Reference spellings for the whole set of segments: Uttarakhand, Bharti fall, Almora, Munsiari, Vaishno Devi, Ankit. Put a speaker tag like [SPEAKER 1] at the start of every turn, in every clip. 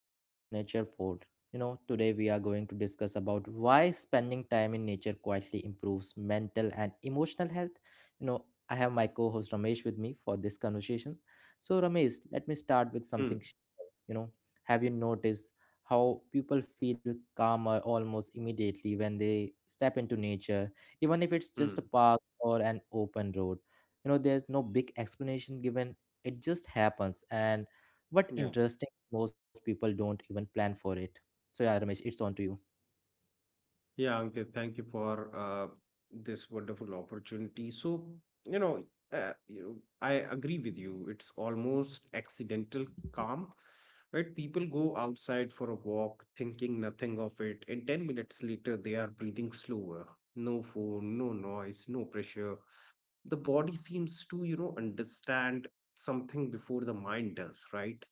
[SPEAKER 1] Save Nature Pod. Today we are going to discuss about why spending time in nature quietly improves mental and emotional health. I have my co-host Ramesh with me for this conversation. So Ramesh, let me start with
[SPEAKER 2] Hmm.
[SPEAKER 1] something, you know, have you noticed how people feel calmer almost immediately when they step into nature, even if it's
[SPEAKER 2] Hmm.
[SPEAKER 1] just a park or an open road? There's no big explanation given. It just happens and what
[SPEAKER 2] Yeah.
[SPEAKER 1] interesting, most people don't even plan for it, so yeah Ramesh, it's on to you.
[SPEAKER 2] Yeah, Ankit, thank you for this wonderful opportunity. You know, I agree with you. It's almost accidental calm, right? People go outside for a walk, thinking nothing of it, and 10 minutes later, they are breathing slower. No phone, no noise, no pressure. The body seems to, you know, understand something before the mind does, right?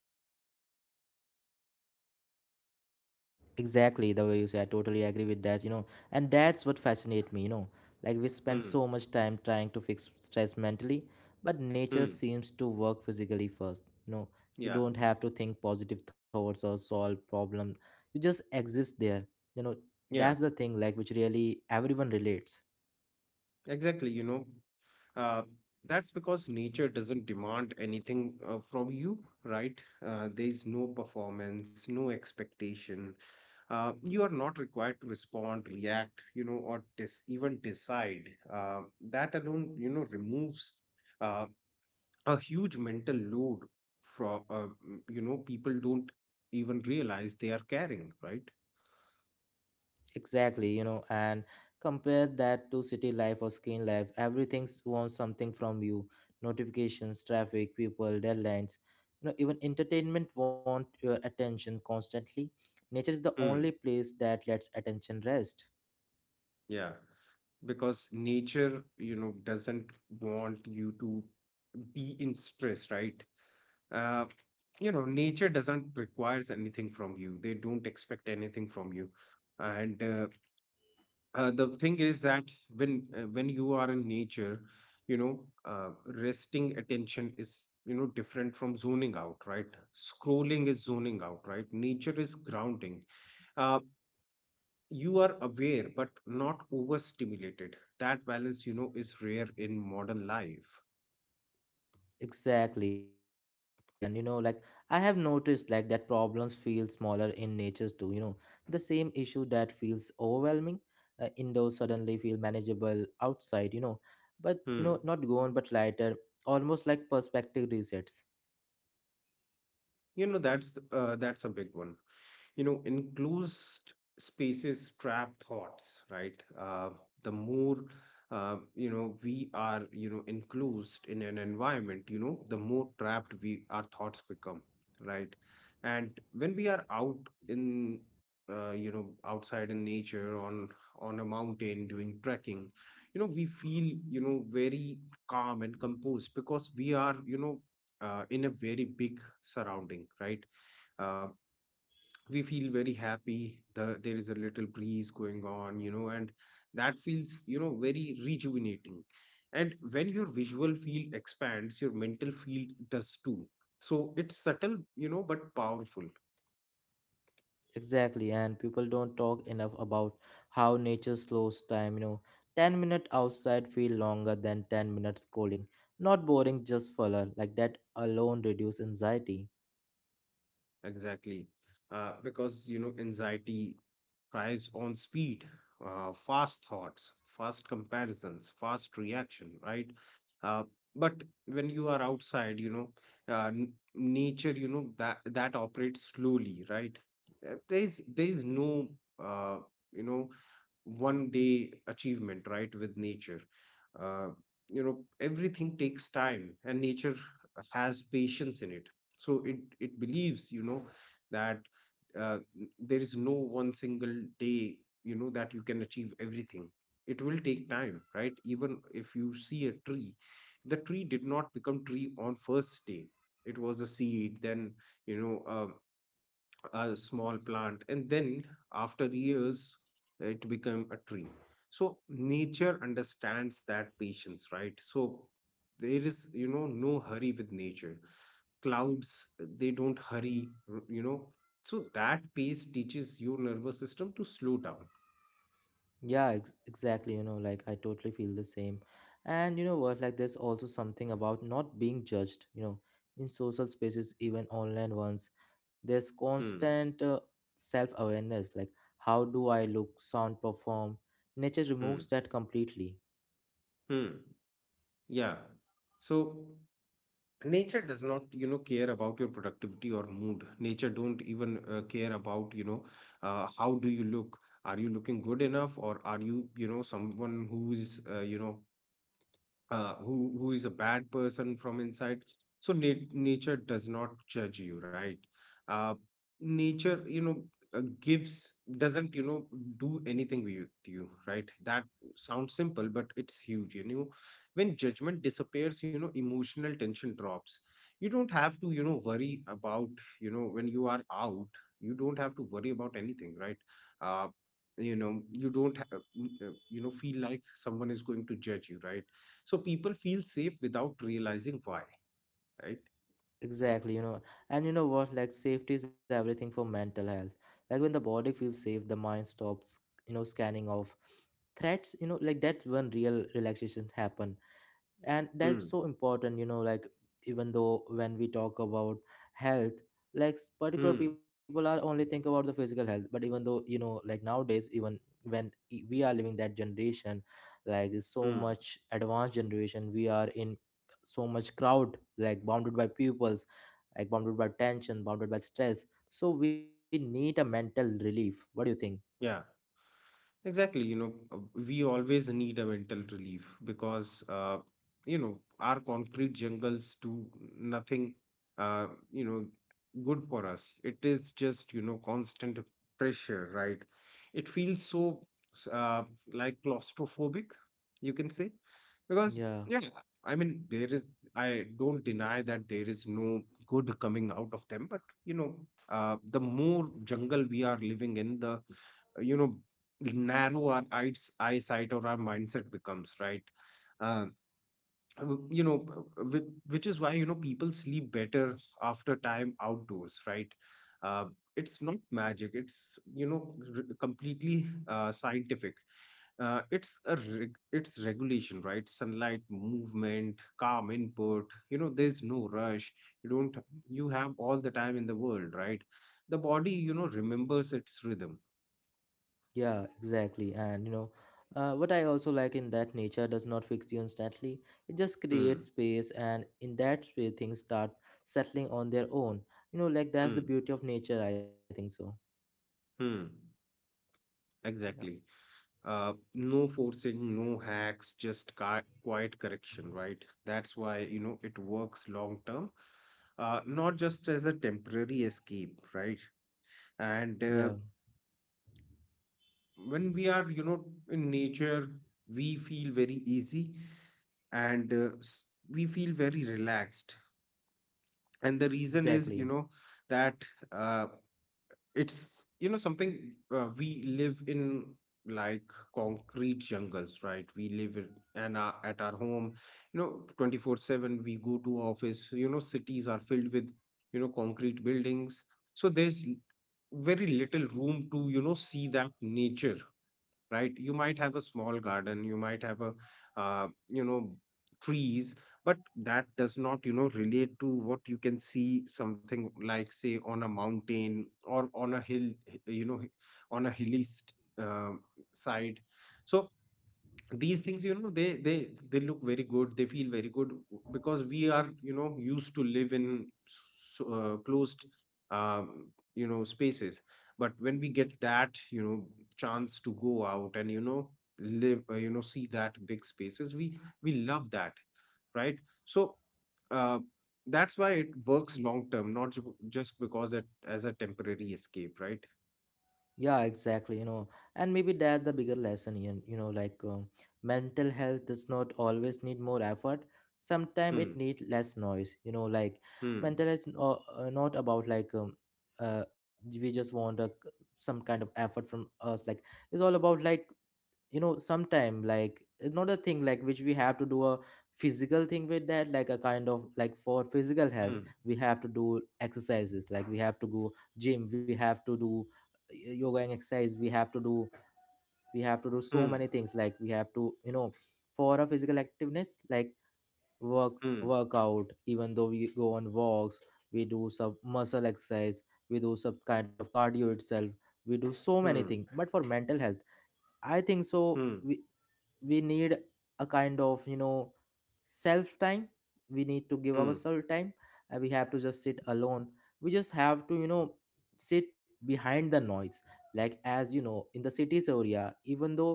[SPEAKER 1] Exactly the way you say, I totally agree with that. And that's what fascinates me. Like we spend
[SPEAKER 2] Hmm.
[SPEAKER 1] so much time trying to fix stress mentally, but nature
[SPEAKER 2] Hmm.
[SPEAKER 1] seems to work physically first. You
[SPEAKER 2] Yeah.
[SPEAKER 1] don't have to think positive thoughts or solve problem, you just exist there you know
[SPEAKER 2] Yeah,
[SPEAKER 1] that's the thing like which really everyone relates.
[SPEAKER 2] exactly, you know. Uh, that's because nature doesn't demand anything from you, right? There is no performance, no expectation. You are not required to respond, react, you know, or even decide. That alone, you know, removes uh, a huge mental load from, you know, people don't even realize they are carrying, right?
[SPEAKER 1] Exactly, and compare that to city life or screen life. Everything wants something from you. Notifications, traffic, people, deadlines. Even entertainment want your attention constantly. Nature is the only
[SPEAKER 2] Hmm.
[SPEAKER 1] place that lets attention rest.
[SPEAKER 2] Yeah. Because nature, you know, doesn't want you to be in stress, right? uh, you know, nature doesn't requires anything from you, they don't expect anything from you. And the thing is that when when you are in nature, you know, resting attention is, you know, different from zoning out, right? Scrolling is zoning out, right? Nature is grounding. uh, you are aware but not overstimulated. That balance, you know, is rare in modern life.
[SPEAKER 1] Exactly. And like I have noticed like that problems feel smaller in natures too, The same issue that feels overwhelming indoors suddenly feel manageable outside, But
[SPEAKER 2] Hmm.
[SPEAKER 1] not gone but lighter, almost like perspective resets.
[SPEAKER 2] You know, that's that's a big one, you know. Enclosed spaces trap thoughts, right? The more, you know, we are, you know, enclosed in an environment, you know, the more trapped we our thoughts become, right? And when we are out in, you know, outside in nature, on a mountain doing trekking, you know, we feel, you know, very calm and composed, because we are, you know, in a very big surrounding, right? Uh, we feel very happy. There is a little breeze going on, you know, and that feels, you know, very rejuvenating. And when your visual field expands, your mental field does too. So it's subtle, you know, but powerful.
[SPEAKER 1] Exactly. And people don't talk enough about how nature slows time. 10 minutes outside feel longer than 10 minutes scrolling. Not boring, just fuller. Like that alone reduce anxiety.
[SPEAKER 2] Exactly. Because, you know, anxiety thrives on speed, fast thoughts, fast comparisons, fast reaction, right? Uh, but when you are outside, you know, nature, you know, that operates slowly, right? There is no, uh, you know, one day achievement, right, with nature. uh, you know, everything takes time, and nature has patience in it. So it believes, you know, that, uh, there is no one single day, you know, that you can achieve everything. It will take time, right? Even if you see a tree, the tree did not become tree on first day. It was a seed, then, you know, a small plant, and then after years it became a tree. So nature understands that patience, right? So there is, you know, no hurry with nature. Clouds, they don't hurry, you know. So that pace teaches your nervous system to slow down.
[SPEAKER 1] Yeah, exactly. Like I totally feel the same. And you know what? Like, there's also something about not being judged, in social spaces, even online ones. There's
[SPEAKER 2] hmm
[SPEAKER 1] constant self awareness. Like, how do I look, sound, perform? Nature
[SPEAKER 2] hmm
[SPEAKER 1] removes that completely.
[SPEAKER 2] hmm yeah so nature does not, you know, care about your productivity or mood. Nature don't even, care about, you know, how do you look, are you looking good enough, or are you, you know, someone who is, you know, who who is a bad person from inside. So nature does not judge you, right? uh, Nature, you know, gives, doesn't, you know, do anything with you, right? That sounds simple, but it's huge, you know. When judgment disappears, you know, emotional tension drops. You don't have to, you know, worry about, you know, when you are out, you don't have to worry about anything, right? uh, you know, you don't you know, feel like someone is going to judge you, right? So people feel safe without realizing why, right?
[SPEAKER 1] Exactly. And you know what? Like, safety is everything for mental health. Like, when the body feels safe, the mind stops, scanning off threats, like that's when real relaxation happen. And that's
[SPEAKER 2] Mm,
[SPEAKER 1] so important, like even though when we talk about health, like particular
[SPEAKER 2] mm,
[SPEAKER 1] people are only think about the physical health, but even though like nowadays even when we are living that generation, like there's so
[SPEAKER 2] mm.
[SPEAKER 1] much advanced generation we are in, so much crowd like bounded by pupils, like bounded by tension, bounded by stress, so we need a mental relief, what do you
[SPEAKER 2] Yeah. Exactly, you know. We always need a mental relief, because, you know, our concrete jungles do nothing, uh, you know, good for us. It is just, you know, constant pressure, right? It feels so, s- uh, like claustrophobic, you can say, because,
[SPEAKER 1] think?
[SPEAKER 2] yeah, I mean, there is, I don't deny that there is no good coming out of them, but, you know, the more jungle we are living in, the you know, narrow our eyesight or our mindset becomes, right? um, you know, which is why, you know, people sleep better after time outdoors, right? uh, it's not magic. It's, you know, completely scientific. It's regulation, right? Sunlight, movement, calm input, you know, there's no rush. You don't, you have all the time in the world, right? The body, you know, remembers its rhythm.
[SPEAKER 1] Yeah, exactly. And what I also like in that nature does not fix you instantly. It just creates
[SPEAKER 2] hmm.
[SPEAKER 1] space, and in that space, things start settling on their own. Like that's the
[SPEAKER 2] Hmm.
[SPEAKER 1] beauty of nature. I think so.
[SPEAKER 2] Hmm,
[SPEAKER 1] Yeah.
[SPEAKER 2] exactly. No forcing, no hacks, just quiet correction, right? That's why, you know, it works long term, not just as a temporary escape, right? And
[SPEAKER 1] Yeah.
[SPEAKER 2] uh, when we are, you know, in nature, we feel very easy, and we feel very relaxed. And the reason is, you
[SPEAKER 1] Exactly.
[SPEAKER 2] know, that. Uh, it's, you know, something, we live in like concrete jungles, right? We live in and our, at our home, you know, 24/7. We go to office, you know. Cities are filled with, you know, concrete buildings. So there's very little room to, you know, see that nature, right? You might have a small garden, you might have a, you know, trees, but that does not, you know, relate to what you can see, something like, say, on a mountain or on a hill, you know, on a hilly side. So these things, you know, they look very good, they feel very good, because we are, you know, used to live in closed, um, you know, spaces. But when we get that, you know, chance to go out and, you know, live, you know, see that big spaces, we love that, right? So, uh, that's why it works long term, not just because it as a temporary escape, right?
[SPEAKER 1] Yeah, exactly. And maybe that the bigger lesson, like mental health does not always need more effort. Sometimes
[SPEAKER 2] hmm
[SPEAKER 1] it need less noise. Like
[SPEAKER 2] hmm
[SPEAKER 1] mental health is not about like uh, we just want a, some kind of effort from us. Like it's all about like sometime, like it's not a thing like which we have to do a physical thing with that, like a kind of like for physical health
[SPEAKER 2] hmm
[SPEAKER 1] we have to do exercises, like we have to go gym, we have to do yoga and exercise we have to do, we have to do so many
[SPEAKER 2] hmm
[SPEAKER 1] things like we have to for a physical activeness like work,
[SPEAKER 2] hmm
[SPEAKER 1] workout, even though we go on walks, we do some muscle exercise, we do some kind of cardio itself, we do so many
[SPEAKER 2] hmm
[SPEAKER 1] things, but for mental health I think so.
[SPEAKER 2] hmm
[SPEAKER 1] We need a kind of self time, we need to give
[SPEAKER 2] hmm
[SPEAKER 1] ourselves time, and we have to just sit alone, we just have to sit behind the noise. Like as you know, in the cities area, even though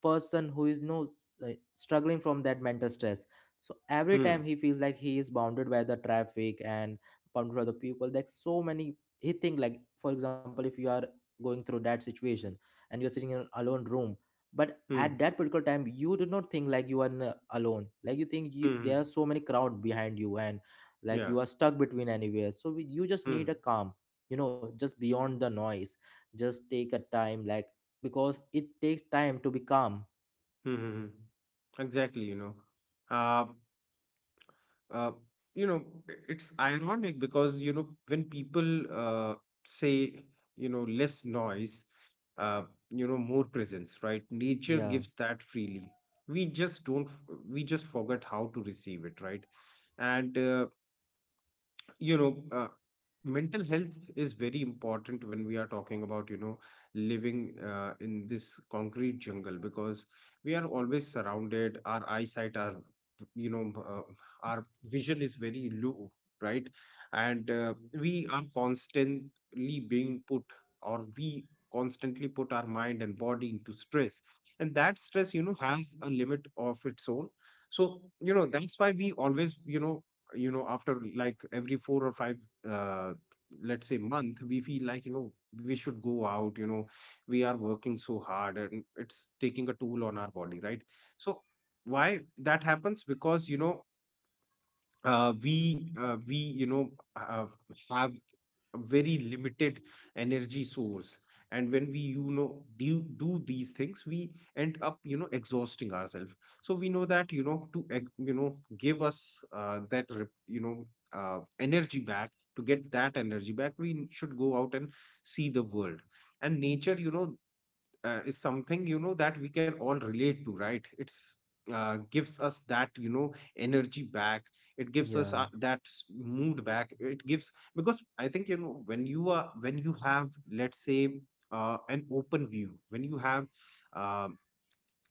[SPEAKER 1] a person who is no s- struggling from that mental stress, so every time
[SPEAKER 2] Hmm.
[SPEAKER 1] he feels like he is bounded by the traffic and bounded by the people, like so many, he think, like for example if you are going through that situation and you're sitting in an alone room, but
[SPEAKER 2] Hmm.
[SPEAKER 1] at that particular time you do not think like you are alone, like you think
[SPEAKER 2] Hmm.
[SPEAKER 1] you,
[SPEAKER 2] hmm.
[SPEAKER 1] there are so many crowd behind you, and
[SPEAKER 2] Yeah.
[SPEAKER 1] like you are stuck between anywhere, so we, you just
[SPEAKER 2] Hmm.
[SPEAKER 1] need a calm, just beyond the noise, just take a time, like because it takes time to be calm.
[SPEAKER 2] Hmm. Hmm. hmm. Exactly. You know. Uh, uh, you know, it's ironic, because, you know, when people, say, you know, less noise, uh, you know, more presence, right? Nature gives
[SPEAKER 1] Yeah,
[SPEAKER 2] that freely. We just don't. We just forget how to receive it, right? And you know uh, mental health is very important when we are talking about, you know, living, in this concrete jungle, because we are always surrounded, our eyesight, our, you know, our vision is very low, right? And we are constantly being put, or we constantly put our mind and body into stress, and that stress, you know, has a limit of its own. So, you know, that's why we always, you know, you know, after like every four or five, uh let's say, month, we feel like, you know, we should go out, you know, we are working so hard, and it's taking a toll on our body, right? So why that happens? Because, you know, we you know, uh, have a very limited energy source, and when we, you know, do these things, we end up, you know, exhausting ourselves. So we know that, you know, to you know, give us, that you know, energy back, to get that energy back, we should go out and see the world. And nature, you know, is something, you know, that we can all relate to, right? It's, gives us that, you know, energy back. It gives us,
[SPEAKER 1] yeah,
[SPEAKER 2] that mood back. It gives, because I think, you know, when you are, when you have, let's say, an open view, when you have, um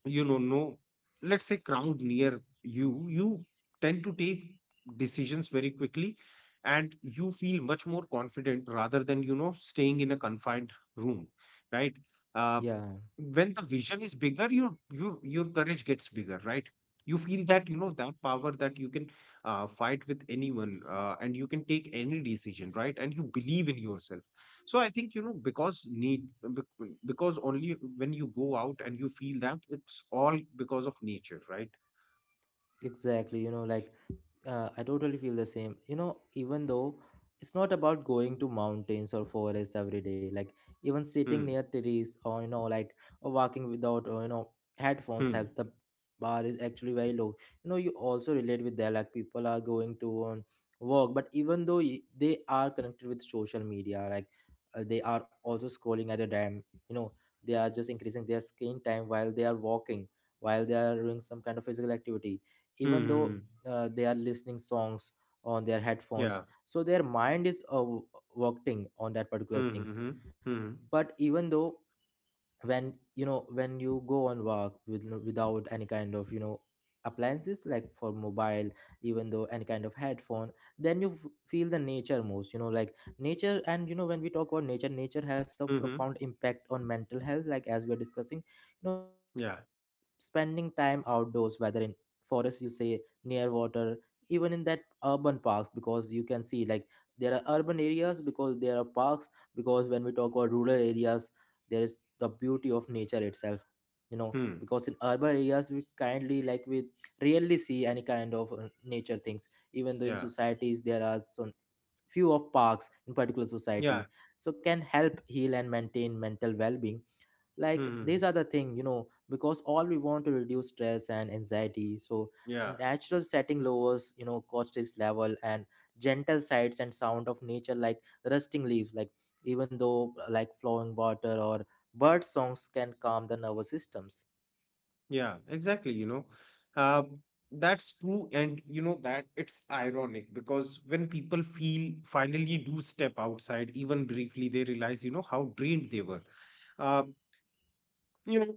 [SPEAKER 2] you know, no, let's say, crowd near you, you tend to take decisions very quickly, and you feel much more confident, rather than, you know, staying in a confined room, right? uh,
[SPEAKER 1] yeah.
[SPEAKER 2] when the vision is bigger, your courage gets bigger, right? You feel that, you know, that power, that you can, fight with anyone, and you can take any decision, right? And you believe in yourself. So I think, you know, because need because only when you go out and you feel that, it's all because of nature, right?
[SPEAKER 1] Exactly, like I totally feel the same. You know, even though it's not about going to mountains or forests every day, like even sitting near
[SPEAKER 2] Hmm.
[SPEAKER 1] trees or like or walking without headphones
[SPEAKER 2] Hmm.
[SPEAKER 1] help. The bar is actually very low. You know, you also relate with that. Like people are going to work, but even though they are connected with social media, like they are also scrolling at a time. You know, they are just increasing their screen time while they are walking, while they are doing some kind of physical activity, even though
[SPEAKER 2] Hmm.
[SPEAKER 1] they are listening songs on their headphones,
[SPEAKER 2] Yeah.
[SPEAKER 1] so their mind is working on that particular
[SPEAKER 2] Hmm.
[SPEAKER 1] things.
[SPEAKER 2] Hmm. Hmm.
[SPEAKER 1] But even though when when you go on work with without any kind of appliances like for mobile, even though any kind of headphone, then you feel the nature most. Like nature, and you know when we talk about nature, nature has a
[SPEAKER 2] Hmm. Hmm.
[SPEAKER 1] profound impact on mental health, like as we are discussing,
[SPEAKER 2] Yeah.
[SPEAKER 1] spending time outdoors, whether in forest you say, near water, even in that urban parks, because you can see like there are urban areas because there are parks, because when we talk about rural areas there is the beauty of nature itself, you know,
[SPEAKER 2] Hmm.
[SPEAKER 1] because in urban areas we kindly like we rarely see any kind of nature things, even though in
[SPEAKER 2] Yeah.
[SPEAKER 1] societies there are some few of parks in particular
[SPEAKER 2] Yeah.
[SPEAKER 1] society, so can help heal and maintain mental well-being. Like these
[SPEAKER 2] Hmm.
[SPEAKER 1] are the thing you know, because all we want to reduce stress and anxiety, so
[SPEAKER 2] Yeah.
[SPEAKER 1] natural setting lowers you know cortisol level and gentle sights and sound of nature like rusting leaves, like even though like flowing water or bird songs can calm the nervous systems.
[SPEAKER 2] Yeah. Exactly. You know, uh, that's true, and you know that it's ironic, because when people feel finally do step outside, even briefly, they realize, you know, how drained they were. Uh, you know,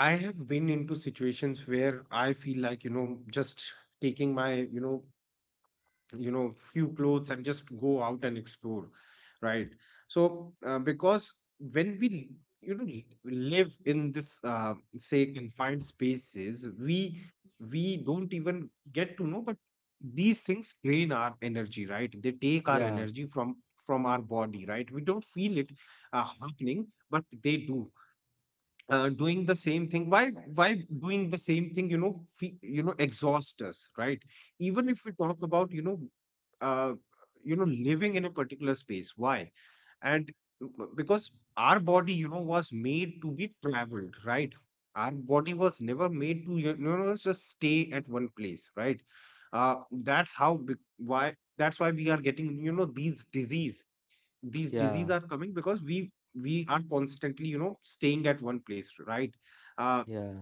[SPEAKER 2] I have been into situations where I feel like, you know, just taking my, you know, few clothes and just go out and explore, right? So because when we, you know, live in this, say, confined spaces, we don't even get to know, but these things drain our energy, right? They take our
[SPEAKER 1] Yeah,
[SPEAKER 2] energy from our body, right? We don't feel it happening, but they do, doing the same thing. Why doing the same thing exhaust us, right? Even if we talk about uh, living in a particular space. Why and Because our body was made to be traveled, right? Our body was never made to just stay at one place, right. uh, that's why we are getting these disease, these diseases
[SPEAKER 1] yeah,
[SPEAKER 2] are coming because we are constantly staying at one place, right uh,
[SPEAKER 1] yeah,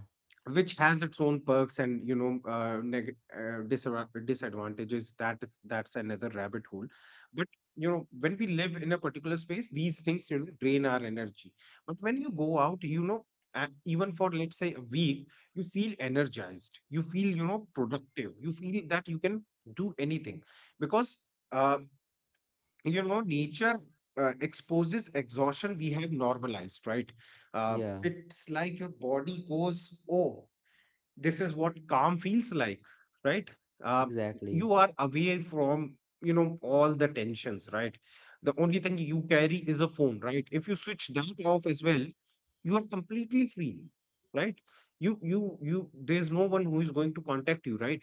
[SPEAKER 2] which has its own perks and, disadvantages. That's another rabbit hole. But when we live in a particular space, these things drain our energy. But when you go out, even for, let's say, a week, you feel energized, you feel productive, you feel that you can do anything. Because uh, nature exposes exhaustion we have normalized, right uh,
[SPEAKER 1] yeah,
[SPEAKER 2] it's like your body goes, oh, this is what calm feels like, right uh,
[SPEAKER 1] exactly.
[SPEAKER 2] you are away from all the tensions, right? The only thing you carry is a phone, right? If you switch that off as well, you are completely free, right? you There's no one who is going to contact you, right?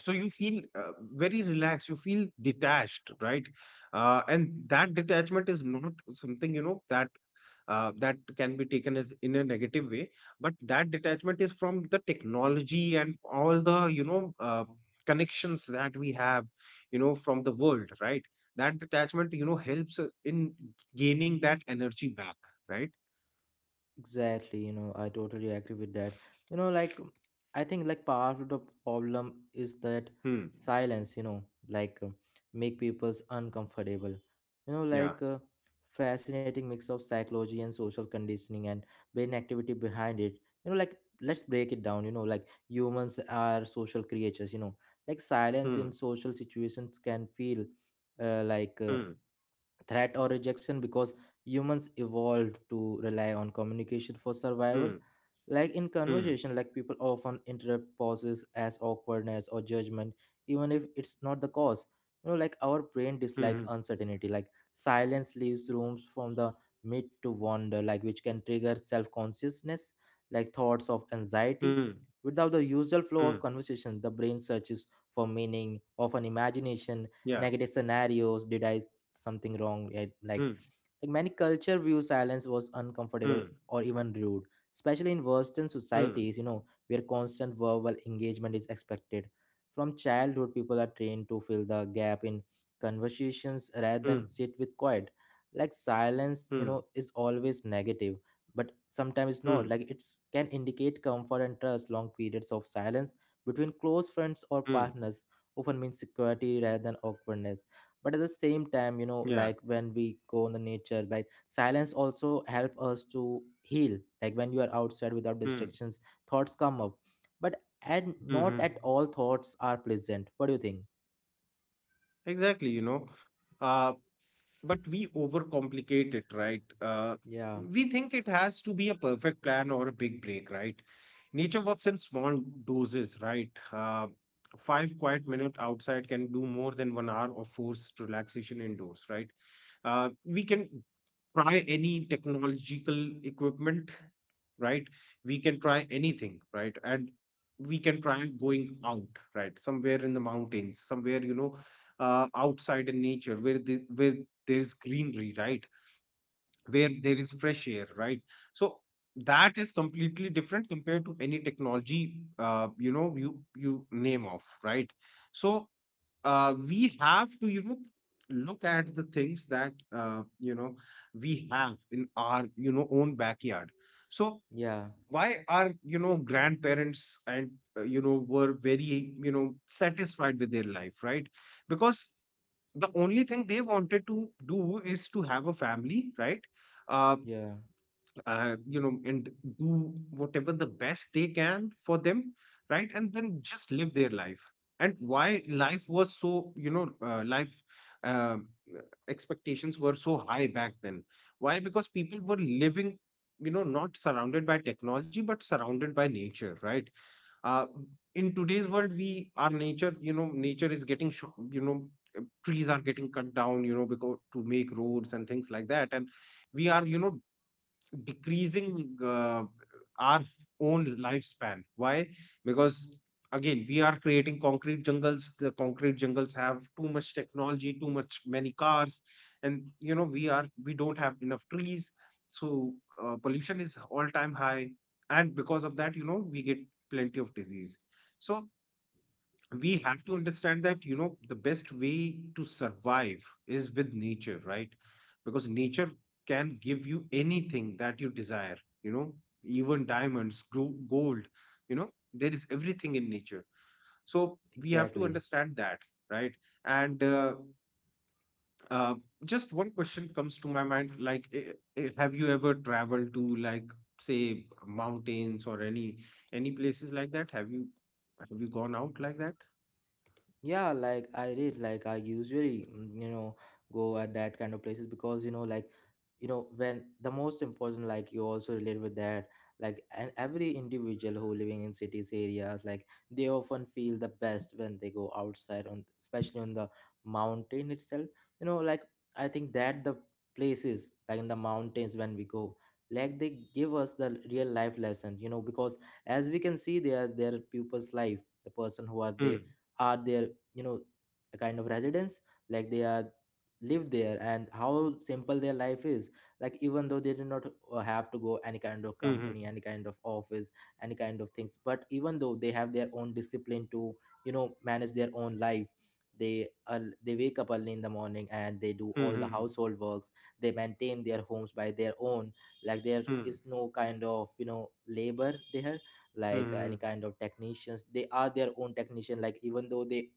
[SPEAKER 2] So you feel very relaxed, you feel detached, right? And that detachment is not something, you know, that that can be taken as in a negative way. But that detachment is from the technology and all the, connections that we have, from the world, right? That detachment, helps in gaining that energy back, right.
[SPEAKER 1] Exactly, you know, I totally agree with that. You know, like I think like part of the problem is that
[SPEAKER 2] Hmm.
[SPEAKER 1] silence, like make people's uncomfortable. You know,
[SPEAKER 2] Yeah.
[SPEAKER 1] like fascinating mix of psychology and social conditioning and brain activity behind it. You know, like let's break it down, you know, like humans are social creatures, you know. Like silence
[SPEAKER 2] Hmm.
[SPEAKER 1] in social situations can feel uh, like uh,
[SPEAKER 2] Hmm.
[SPEAKER 1] threat or rejection because humans evolved to rely on communication for
[SPEAKER 2] Hmm.
[SPEAKER 1] survival. Like in
[SPEAKER 2] Hmm.
[SPEAKER 1] conversation, like people often interrupt pauses as awkwardness or judgment, even if it's not the cause. You know, like our brain
[SPEAKER 2] Hmm.
[SPEAKER 1] dislike
[SPEAKER 2] Hmm.
[SPEAKER 1] uncertainty, like silence leaves rooms from the mid to wonder, like which can trigger self-consciousness, like thoughts of
[SPEAKER 2] Hmm.
[SPEAKER 1] anxiety. Without the usual
[SPEAKER 2] Hmm.
[SPEAKER 1] flow of conversation, the brain searches for meaning, often imagination
[SPEAKER 2] Yeah.
[SPEAKER 1] negative scenarios, did I something wrong, right? like
[SPEAKER 2] Hmm.
[SPEAKER 1] like many culture view silence was uncomfortable
[SPEAKER 2] Hmm.
[SPEAKER 1] or even rude, especially in Western
[SPEAKER 2] Mm,
[SPEAKER 1] societies, you know, where constant verbal engagement is expected. From childhood, people are trained to fill the gap in conversations rather
[SPEAKER 2] mm,
[SPEAKER 1] than sit with quiet. Like silence, you
[SPEAKER 2] mm,
[SPEAKER 1] know, is always negative, but sometimes it's not.
[SPEAKER 2] mm,
[SPEAKER 1] Like it's can indicate comfort and trust. Long periods of silence between close friends or
[SPEAKER 2] mm.
[SPEAKER 1] partners often means security rather than awkwardness. But at the same time, you know,
[SPEAKER 2] Yeah.
[SPEAKER 1] like when we go in the nature, like silence also help us to heal. Like when you are outside without
[SPEAKER 2] Mm,
[SPEAKER 1] distractions, thoughts come up, but and not
[SPEAKER 2] mm-hmm.
[SPEAKER 1] at all thoughts are pleasant. What do you think?
[SPEAKER 2] Exactly, you know. Uh, but we overcomplicate it, right?
[SPEAKER 1] Yeah,
[SPEAKER 2] We think it has to be a perfect plan or a big break, right? Nature works in small doses, right? Five quiet minute outside can do more than 1 hour of forced relaxation indoors, right? We can try any technological equipment, right? We can try anything, right? And we can try going out, right, somewhere in the mountains, somewhere, outside in nature where where there's greenery, right, where there is fresh air, right? So that is completely different compared to any technology, you know you you name off, right? So we have to, look at the things that, we have in our, own backyard. So
[SPEAKER 1] yeah,
[SPEAKER 2] why are, grandparents and, were very, satisfied with their life, right? Because the only thing they wanted to do is to have a family, right? uh,
[SPEAKER 1] yeah.
[SPEAKER 2] and do whatever the best they can for them, right? And then just live their life. And why life was so, you know, life um, uh, expectations were so high back then. Why? Because people were living, you know, not surrounded by technology, but surrounded by nature, right? Uh, in today's world, our nature, you know, nature is getting, trees are getting cut down, you know, because to make roads and things like that. And we are, decreasing our own lifespan. Why? Because again, we are creating concrete jungles. The concrete jungles have too much technology, too much many cars, and, we don't have enough trees. So pollution is all time high, and because of that, we get plenty of disease. So we have to understand that, the best way to survive is with nature, right? Because nature can give you anything that you desire, you know. Even gold, you know, there is everything in nature. So we have to
[SPEAKER 1] Exactly.
[SPEAKER 2] understand that, right. And uh, just one question comes to my mind, like, have you ever traveled to, like, say, mountains or any places like that? Have you Have you gone out like that?
[SPEAKER 1] Yeah, like I did. Like I usually, you know, go at that kind of places. Because you know, like, you know, when the most important, like you also relate with that. Like, and every individual who living in cities areas, like they often feel the best when they go outside on, especially on the mountain itself. You know, like I think that the places like in the mountains, when we go, like they give us the real life lesson. You know, because as we can see, there are people's life, the person who are they are there, you know, a kind of residence. Like they are live there, and how simple their life is. Like even though they do not have to go any kind of
[SPEAKER 2] Mm-hmm.
[SPEAKER 1] company, any kind of office, any kind of things, but even though they have their own discipline to, you know, manage their own life. They wake up early in the morning and they do all the
[SPEAKER 2] Mhm,
[SPEAKER 1] household works. They maintain their homes by their own. Like there
[SPEAKER 2] mhm,
[SPEAKER 1] is no kind of, you know, labor there. Like any
[SPEAKER 2] mhm,
[SPEAKER 1] kind of technicians, they are their own technician. Like even though they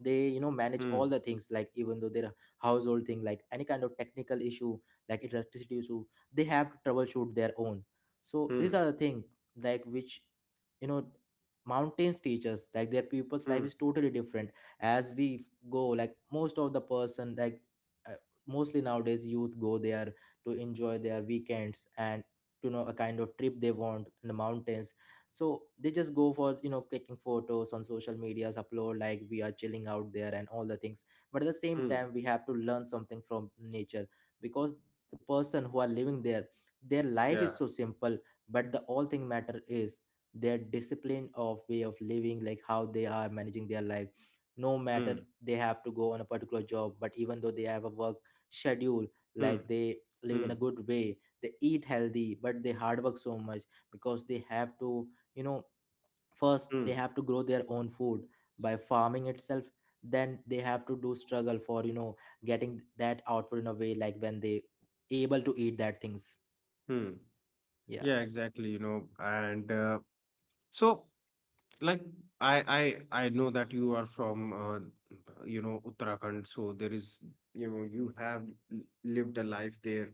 [SPEAKER 1] they you know manage all
[SPEAKER 2] mhm,
[SPEAKER 1] the things. Like even though their household thing, like any kind of technical issue, like electricity issue, they have to troubleshoot their own. So these
[SPEAKER 2] mhm,
[SPEAKER 1] are the thing, like which, you know, mountains teach us. Like their people's life
[SPEAKER 2] mhm,
[SPEAKER 1] is totally different. as we f- go, like most of the person, like uh, mostly nowadays youth go there to enjoy their weekends. And you know, a kind of trip they want in the mountains. So they just go for, you know, taking photos on social medias, upload like we are chilling out there and all the things. But at the same
[SPEAKER 2] mhm.
[SPEAKER 1] time, we have to learn something from nature. Because the person who are living there, their life
[SPEAKER 2] Yeah.
[SPEAKER 1] is so simple. But the all thing matter is their discipline of way of living, like how they are managing their life. No matter
[SPEAKER 2] Hmm.
[SPEAKER 1] they have to go on a particular job, but even though they have a work schedule,
[SPEAKER 2] Hmm.
[SPEAKER 1] like they live in a
[SPEAKER 2] Hmm.
[SPEAKER 1] good way. They eat healthy, but they hard work so much, because they have to, you know, first
[SPEAKER 2] Hmm.
[SPEAKER 1] they have to grow their own food by farming itself. Then they have to do struggle for, you know, getting that output in a way, like when they able to eat that things.
[SPEAKER 2] Hmm.
[SPEAKER 1] Yeah,
[SPEAKER 2] Yeah, exactly, you know. And so like I I know that you are from, Uttarakhand, so there is, you have l- lived a life there.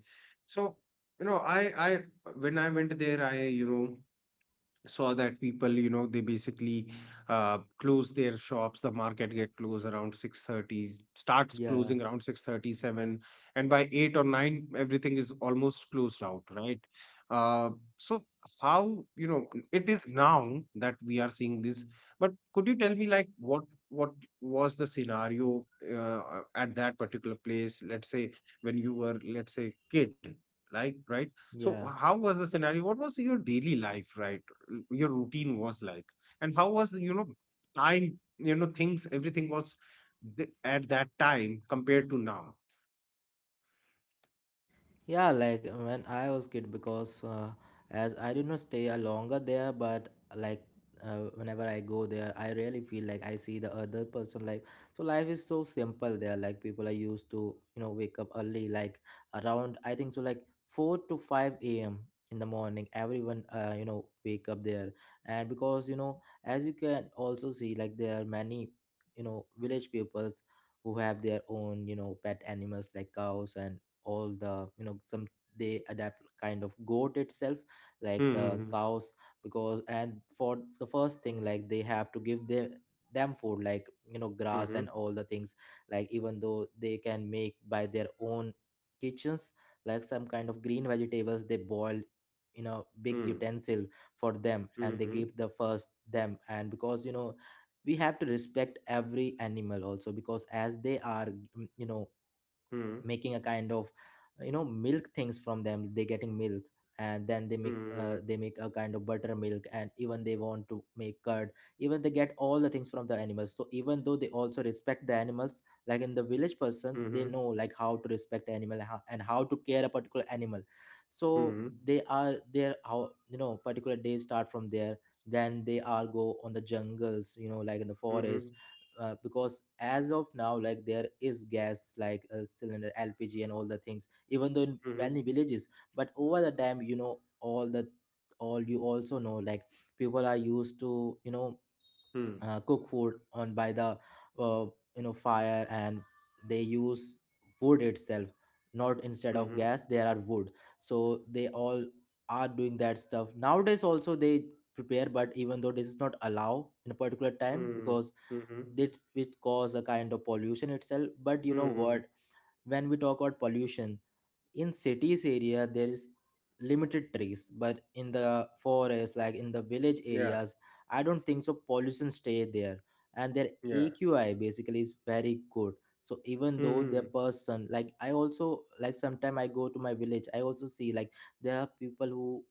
[SPEAKER 2] So, you know, I when I went there, I, saw that people, they basically close their shops, the market get closed around 6:30, starts
[SPEAKER 1] yeah,
[SPEAKER 2] closing around 6:37, and by 8 or 9 everything is almost closed out, right. uh, so how, it is now that we are seeing this. But could you tell me, like, what was the scenario uh, at that particular place, let's say, when you were, let's say, kid, like, right? So
[SPEAKER 1] yeah.
[SPEAKER 2] how was the scenario, what was your daily life, right, your routine was like, and how was, you know, time, you know, things, everything was, at that time compared to now?
[SPEAKER 1] Yeah, like when I was kid, because as I did not stay a longer there, but like, whenever I go there, I really feel like I see the other person life. So life is so simple there. Like people are used to, you know, wake up early, like around I think so like 4 to 5 a.m. in the morning. Everyone you know wake up there, and because you know, as you can also see, like there are many, you know, village peoples who have their own, you know, pet animals like cows and all the, you know, some they adapt kind of goat itself, like the
[SPEAKER 2] Mm-hmm.
[SPEAKER 1] cows. Because and for the first thing, like they have to give their them food, like you know, grass
[SPEAKER 2] Mm-hmm.
[SPEAKER 1] and all the things. Like even though they can make by their own kitchens, like some kind of green vegetables they boil in a big
[SPEAKER 2] Mm-hmm.
[SPEAKER 1] utensil for them, and they
[SPEAKER 2] Mm-hmm.
[SPEAKER 1] give the first them. And because you know, we have to respect every animal also, because as they are you know
[SPEAKER 2] Mm-hmm.
[SPEAKER 1] making a kind of, you know, milk things from them. They getting milk, and then they make
[SPEAKER 2] Mm-hmm.
[SPEAKER 1] uh, they make a kind of buttermilk, and even they want to make curd. Even they get all the things from the animals. So even though they also respect the animals, like in the village person, they know like how to respect animal, and how to care a particular animal. So
[SPEAKER 2] Mm-hmm.
[SPEAKER 1] they are there, how you know particular days start from there. Then they all go on the jungles, you know, like in the
[SPEAKER 2] Mm-hmm. Mm-hmm. Mm-hmm.
[SPEAKER 1] forest. Because as of now, like there is gas like a cylinder LPG and all the things, even though in many villages. But over the time, you know, all the, all you also know, like people are used to, you know, cook food on by the uh, you know fire, and they use wood itself, not instead of
[SPEAKER 2] Mm-hmm.
[SPEAKER 1] gas there are wood. So they all are doing that stuff nowadays also. They prepare, but even though this is not allowed in a particular time,
[SPEAKER 2] Mm-hmm.
[SPEAKER 1] because
[SPEAKER 2] Mm-hmm.
[SPEAKER 1] that which cause a kind of pollution itself. But you know
[SPEAKER 2] Mm-hmm.
[SPEAKER 1] what, when we talk about pollution in cities area, there is limited trees. But in the forest, like in the village
[SPEAKER 2] Yeah.
[SPEAKER 1] areas, I don't think so pollution stay there, and their
[SPEAKER 2] Yeah.
[SPEAKER 1] AQI basically is very good. So even though
[SPEAKER 2] Mm-hmm.
[SPEAKER 1] the person, like I also like sometime I go to my village, I also see like there are people who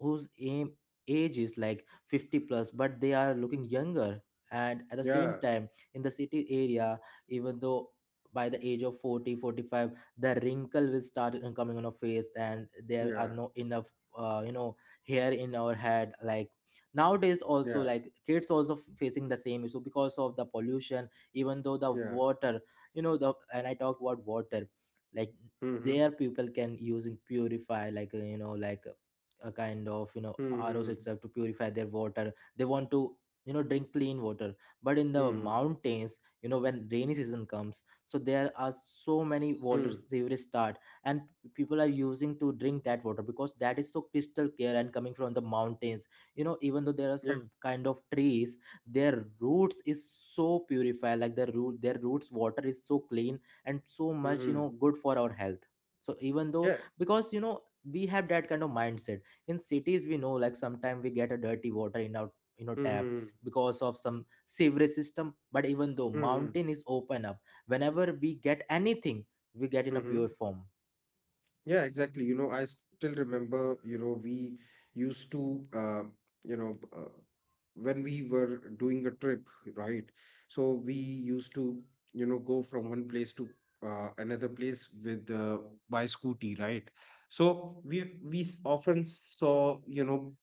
[SPEAKER 1] whose aim age is like 50 plus, but they are looking younger. And at the
[SPEAKER 2] Yeah.
[SPEAKER 1] same time in the city area, even though by the age of 40, 45, the wrinkle will start coming on our face, and there
[SPEAKER 2] Yeah.
[SPEAKER 1] are no enough you know hair in our head. Like nowadays
[SPEAKER 2] Yeah.
[SPEAKER 1] also, like kids also facing the same issue because of the pollution. Even though the
[SPEAKER 2] Yeah.
[SPEAKER 1] water, you know, the, and I talk about water, like
[SPEAKER 2] Mm-hmm.
[SPEAKER 1] their people can use and purify like, you know, like a kind of, you know,
[SPEAKER 2] Mm-hmm.
[SPEAKER 1] ROs itself to purify their water. They want to, you know, drink clean water. But in the
[SPEAKER 2] Mm-hmm.
[SPEAKER 1] mountains, you know, when rainy season comes, so there are so many water
[SPEAKER 2] Mm-hmm.
[SPEAKER 1] sewerage start. And people are using to drink that water because that is so crystal clear and coming from the mountains. You know, even though there are
[SPEAKER 2] Yeah.
[SPEAKER 1] some kind of trees, their roots is so purified. Like their root, their roots water is so clean and so much, you
[SPEAKER 2] Mm-hmm.
[SPEAKER 1] know, good for our health. So even though,
[SPEAKER 2] Yeah.
[SPEAKER 1] because you know, we have that kind of mindset. In cities we know, like sometimes we get a dirty water in our, you know, tap
[SPEAKER 2] Mm-hmm.
[SPEAKER 1] because of some sewerage system. But even though
[SPEAKER 2] Mm-hmm.
[SPEAKER 1] mountain is open up, whenever we get anything, we get in a
[SPEAKER 2] Mm-hmm.
[SPEAKER 1] pure form.
[SPEAKER 2] Yeah, exactly. You know, I still remember, you know, we used to, you know, uh, when we were doing a trip, right? So we used to, you know, go from one place to another place with by scooty, right? So often saw, you know,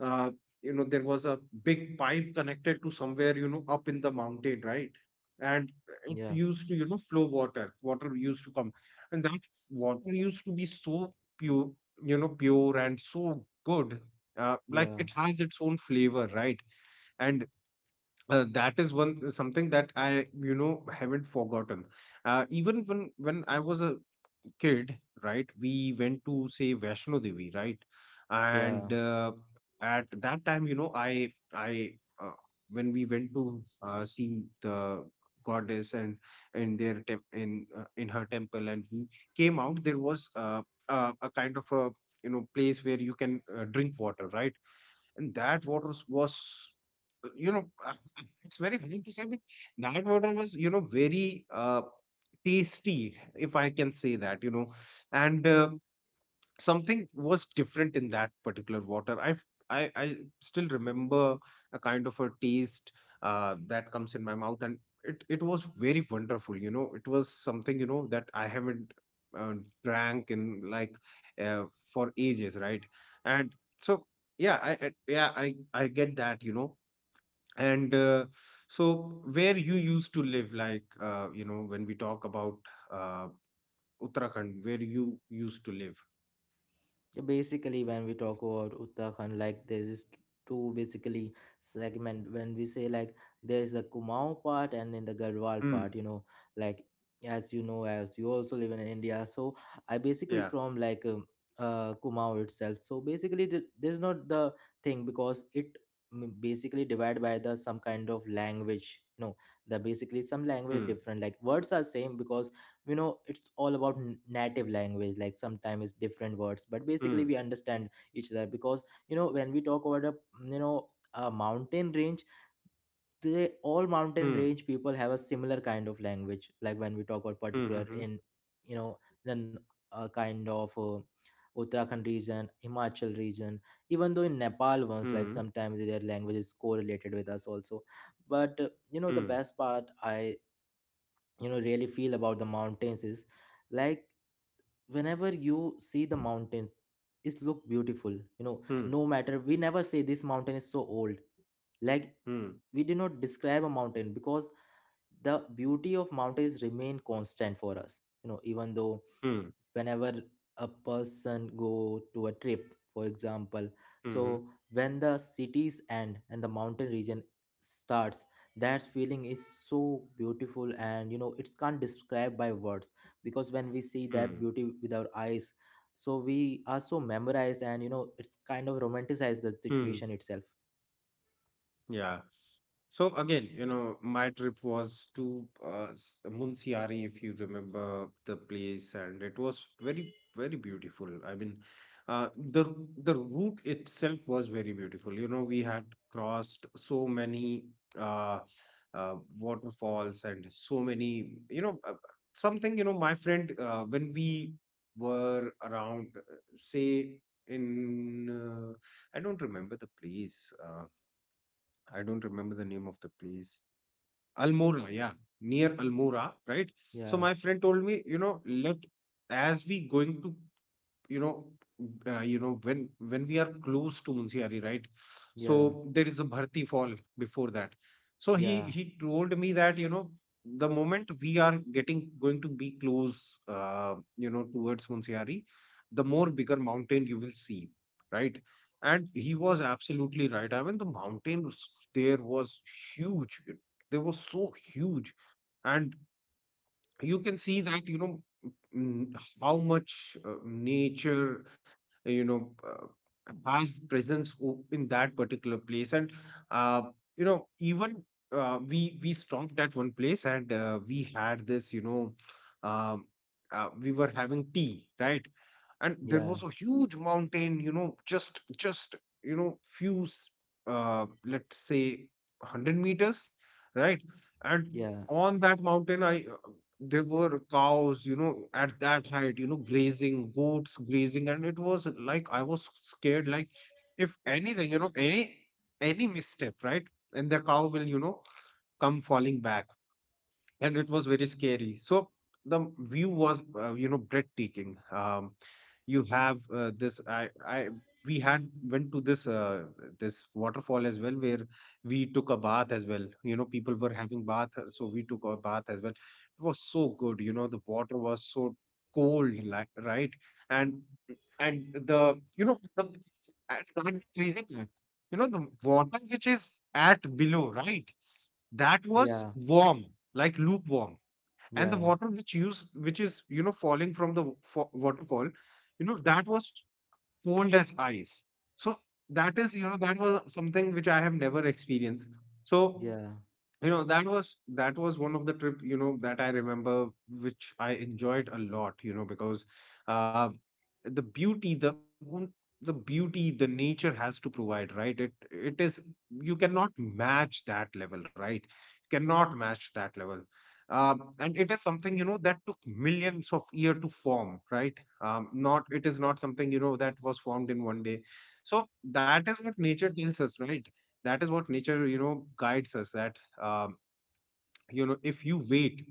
[SPEAKER 2] uh, there was a big pipe connected to somewhere, you know, up in the mountain, right? And it
[SPEAKER 1] Yeah,
[SPEAKER 2] used to, you know, flow water, water used to come. And that water used to be so pure, you know, pure and so good. Like
[SPEAKER 1] yeah,
[SPEAKER 2] it has its own flavor, right? And that is one something that I, you know, haven't forgotten. Even when I was a kid, right, we went to, say, Vaishno Devi, right?
[SPEAKER 1] yeah.
[SPEAKER 2] And at that time, you know, I uh, when we went to see the goddess and in their tem- in her temple, and we came out, there was, a kind of a, you know, place where you can drink water, right? And that water was, you know, it's very hard to say, but that water was, you know, very tasty, if I can say that, you know. And something was different in that particular water. I still remember a kind of a taste that comes in my mouth, and it was very wonderful, you know, it was something, you know, that I haven't uh, drank in, like, for ages, right? And so, yeah, I get that, you know. And so where you used to live, like, when we talk about uh, uttarakhand where you used to live.
[SPEAKER 1] So basically when we talk about Uttarakhand, like there is two basically segment when we say, like there is the Kumaon part and then the Garhwal
[SPEAKER 2] Hmm.
[SPEAKER 1] part, you know. Like as you know, as you also live in India, so I basically from like Kumaon itself. So basically there's not the thing, because it basically divided by the some kind of language, you know. The basically some language
[SPEAKER 2] Hmm,
[SPEAKER 1] are different, like words are same, because you know it's all about native language. Like sometimes it's different words, but
[SPEAKER 2] hmm,
[SPEAKER 1] basically we understand each other. Because you know, when we talk about a, you know, a mountain range, they all mountain
[SPEAKER 2] hmm,
[SPEAKER 1] range people have a similar kind of language. Like when we talk about particular
[SPEAKER 2] hmm,
[SPEAKER 1] in, you know, then a kind of Uttarakhand region, Himachal region. Even though in Nepal ones, like
[SPEAKER 2] mhm,
[SPEAKER 1] sometimes their language is correlated with us also. But you know, the
[SPEAKER 2] hmm,
[SPEAKER 1] best part I, you know, really feel about the mountains is, like whenever you see the mountains, it look beautiful. You know,
[SPEAKER 2] hmm,
[SPEAKER 1] no matter, we never say this mountain is so old. Like
[SPEAKER 2] hmm,
[SPEAKER 1] we do not describe a mountain, because the beauty of mountains remain constant for us, you know. Even though
[SPEAKER 2] hmm,
[SPEAKER 1] whenever a person go to a trip, for example,
[SPEAKER 2] hmm, mhm,
[SPEAKER 1] so when the cities end and the mountain region starts, that feeling is so beautiful. And you know, it's can't describe by words, because when we see
[SPEAKER 2] hmm, hmm.
[SPEAKER 1] that beauty with our eyes, so we are so memorized, and you know it's kind of romanticized the
[SPEAKER 2] Hmm.
[SPEAKER 1] situation itself.
[SPEAKER 2] Yeah. So again, you know, my trip was to Munsiari, if you remember the place, and it was very, very beautiful. I mean, the route itself was very beautiful. You know, we had crossed so many uh, waterfalls and so many, you know, something. You know, my friend, when we were around, say in, uh, I don't remember the place. I don't remember the name of the place. Almora, yeah, near Almora, right? So
[SPEAKER 1] Yeah,
[SPEAKER 2] my friend told me, you know, let as we going to you know you know when we are close to Munsiari, right?
[SPEAKER 1] yeah,
[SPEAKER 2] So there is a Bharti fall before that. So he
[SPEAKER 1] yeah.
[SPEAKER 2] he told me that, you know, the moment we are getting going to be close, towards Munsiari, the more bigger mountain you will see, right? And he was absolutely right. I mean, the mountains, there was huge. They were so huge, and you can see that, mm, how much nature uh, you know uh, has presence in that particular place. And uh, even we stopped at one place, and we had this, um, we were having tea, right? And there
[SPEAKER 1] Yeah,
[SPEAKER 2] was a huge mountain, you know, just you know, let's say 100 meters, right? And
[SPEAKER 1] yeah,
[SPEAKER 2] on that mountain I there were cows, you know, at that height, you know, grazing, goats grazing, and it was like I was scared, like if anything, you know, any misstep, right? And the cow will, you know, come falling back, and it was very scary. So the view was, breathtaking. You have we had went to this this waterfall as well, where we took a bath as well. You know, people were having bath, so we took a bath as well. It was so good. You know, the water was so cold, like, right, and and the you know the and the crazy part, you know the water which is at below, right, that was
[SPEAKER 1] yeah.
[SPEAKER 2] warm, like lukewarm, and the
[SPEAKER 1] Yeah,
[SPEAKER 2] water which is, you know, falling from the waterfall, you know, that was cold as ice. So that is, that was something which I have never experienced. So,
[SPEAKER 1] yeah,
[SPEAKER 2] you know, that was one of the trip, you know, that I remember, which I enjoyed a lot, you know, because uh, the beauty, the beauty the nature has to provide, right? It is you cannot match that level, right? You cannot match that level. And it is something, you know, that took millions of years to form, right? Not it is not something, you know, that was formed in one day. So that is what nature tells us, right? That is what nature, you know, guides us. That, you know, if you wait,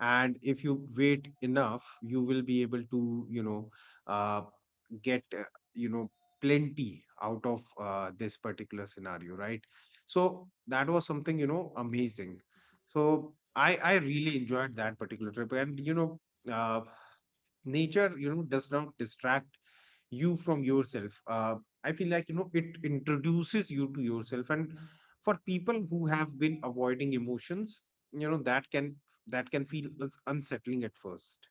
[SPEAKER 2] and if you wait enough, you will be able to, you know, uh, get, you know, plenty out of this particular scenario, right? So that was something, you know, amazing. So i really enjoyed that particular trip. And, you know, uh, nature, you know, does not distract you from yourself. I feel like, you know, it introduces you to yourself. And for people who have been avoiding emotions, you know, that can feel as unsettling at first.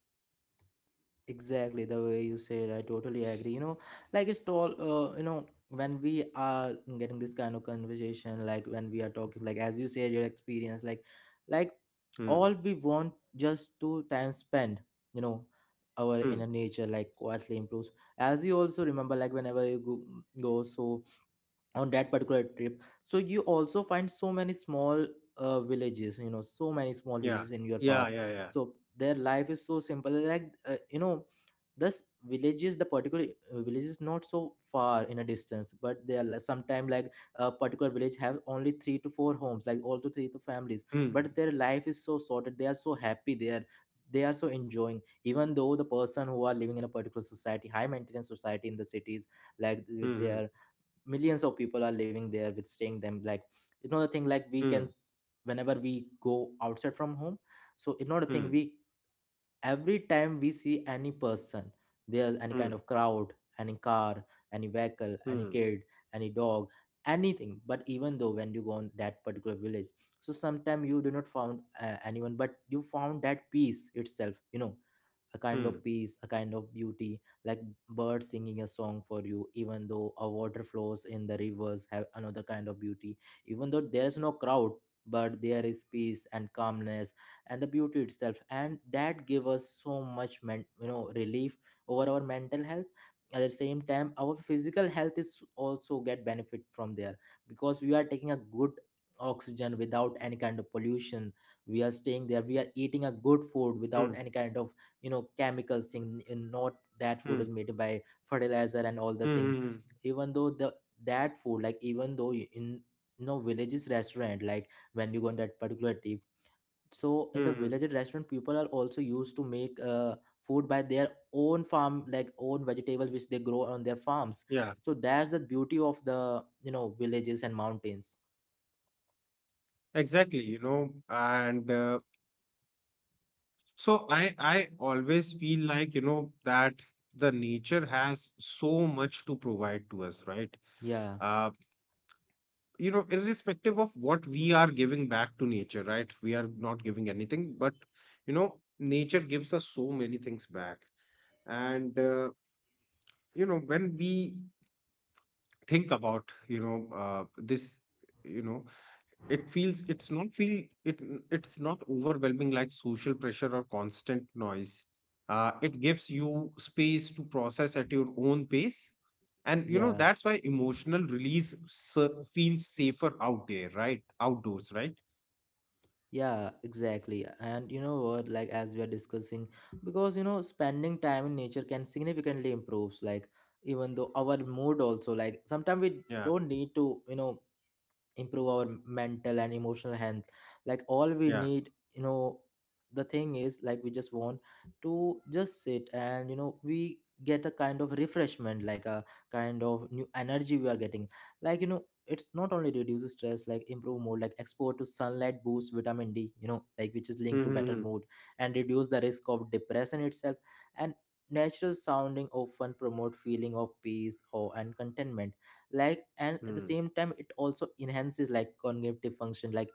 [SPEAKER 1] exactly. The way you said, I totally agree. You know, like it's all, you know, when we are getting this kind of conversation, like when we are talking, like as you said, your experience, like
[SPEAKER 2] Hmm.
[SPEAKER 1] all we want just to time spend, you know,
[SPEAKER 2] Hmm.
[SPEAKER 1] our inner nature, like quietly improves. As you also remember, like whenever you go, so on that particular trip, so you also find so many small villages, you know, so many small
[SPEAKER 2] Yeah.
[SPEAKER 1] villages in your
[SPEAKER 2] Yeah.
[SPEAKER 1] path.
[SPEAKER 2] Yeah. Yeah.
[SPEAKER 1] So their life is so simple, like you know, this villages, the particular village is not so far in a distance. But they are sometimes like a particular village have only three to four homes, like all to three to families.
[SPEAKER 2] Hmm.
[SPEAKER 1] But their life is so sorted. They are so happy. They are, they are so enjoying, even though the person who are living in a particular society, high maintenance society in the cities, like with
[SPEAKER 2] Hmm.
[SPEAKER 1] their millions of people are living there with staying them. Like you know the thing like we
[SPEAKER 2] Hmm.
[SPEAKER 1] can, whenever we go outside from home, so it's not a thing
[SPEAKER 2] Hmm.
[SPEAKER 1] we every time we see any person, there's any
[SPEAKER 2] Hmm.
[SPEAKER 1] kind of crowd, any car, any vehicle, any
[SPEAKER 2] Hmm.
[SPEAKER 1] kid, any dog, anything. But even though when you go on that particular village, so sometimes you do not found anyone, but you found that peace itself, you know, a kind
[SPEAKER 2] Hmm.
[SPEAKER 1] of peace, a kind of beauty, like birds singing a song for you, even though a water flows in the rivers have another kind of beauty. Even though there's no crowd, but there is peace and calmness and the beauty itself. And that give us so much relief over our mental health. At the same time, our physical health is also get benefit from there because we are taking a good oxygen without any kind of pollution. We are staying there. We are eating a good food
[SPEAKER 2] Hmm.
[SPEAKER 1] without
[SPEAKER 2] Hmm.
[SPEAKER 1] any kind of chemicals thing in not that food
[SPEAKER 2] Hmm.
[SPEAKER 1] is made by fertilizer and all the thing.
[SPEAKER 2] Hmm. Hmm.
[SPEAKER 1] Even though the that food, like even though in villages restaurant, like when you go on that particular tip, so in the
[SPEAKER 2] Hmm.
[SPEAKER 1] village restaurant people are also used to make food by their own farm, like own vegetables which they grow on their farms.
[SPEAKER 2] Yeah.
[SPEAKER 1] So that's the beauty of the villages and mountains.
[SPEAKER 2] Exactly. You know, and So I always feel like, you know, that the nature has so much to provide to us, right?
[SPEAKER 1] Yeah,
[SPEAKER 2] Uh, you know, irrespective of what we are giving back to nature, right? We are not giving anything, but, you know, nature gives us so many things back. And you know, when we think about, you know, it feels it's not overwhelming, like social pressure or constant noise. It gives you space to process at your own pace. And, you know,
[SPEAKER 1] yeah,
[SPEAKER 2] that's why emotional feels safer out there, right? Outdoors, right?
[SPEAKER 1] yeah, exactly. And you know what, like as we are discussing, because spending time in nature can significantly improves like, even though our mood also, like sometimes we
[SPEAKER 2] Yeah.
[SPEAKER 1] don't need to, improve our mental and emotional health. Like, all we
[SPEAKER 2] Yeah.
[SPEAKER 1] need, the thing is, like we just want to just sit and we get a kind of refreshment, like a kind of new energy we are getting. Like, it's not only reduces stress, like improve mood, like exposure to sunlight boosts vitamin D, like, which is linked to better
[SPEAKER 2] Mm-hmm.
[SPEAKER 1] mood and reduce the risk of depression itself. And natural sounding often promote feeling of peace or and contentment. Like, and at the
[SPEAKER 2] Hmm.
[SPEAKER 1] same time it also enhances, like, cognitive function. Like,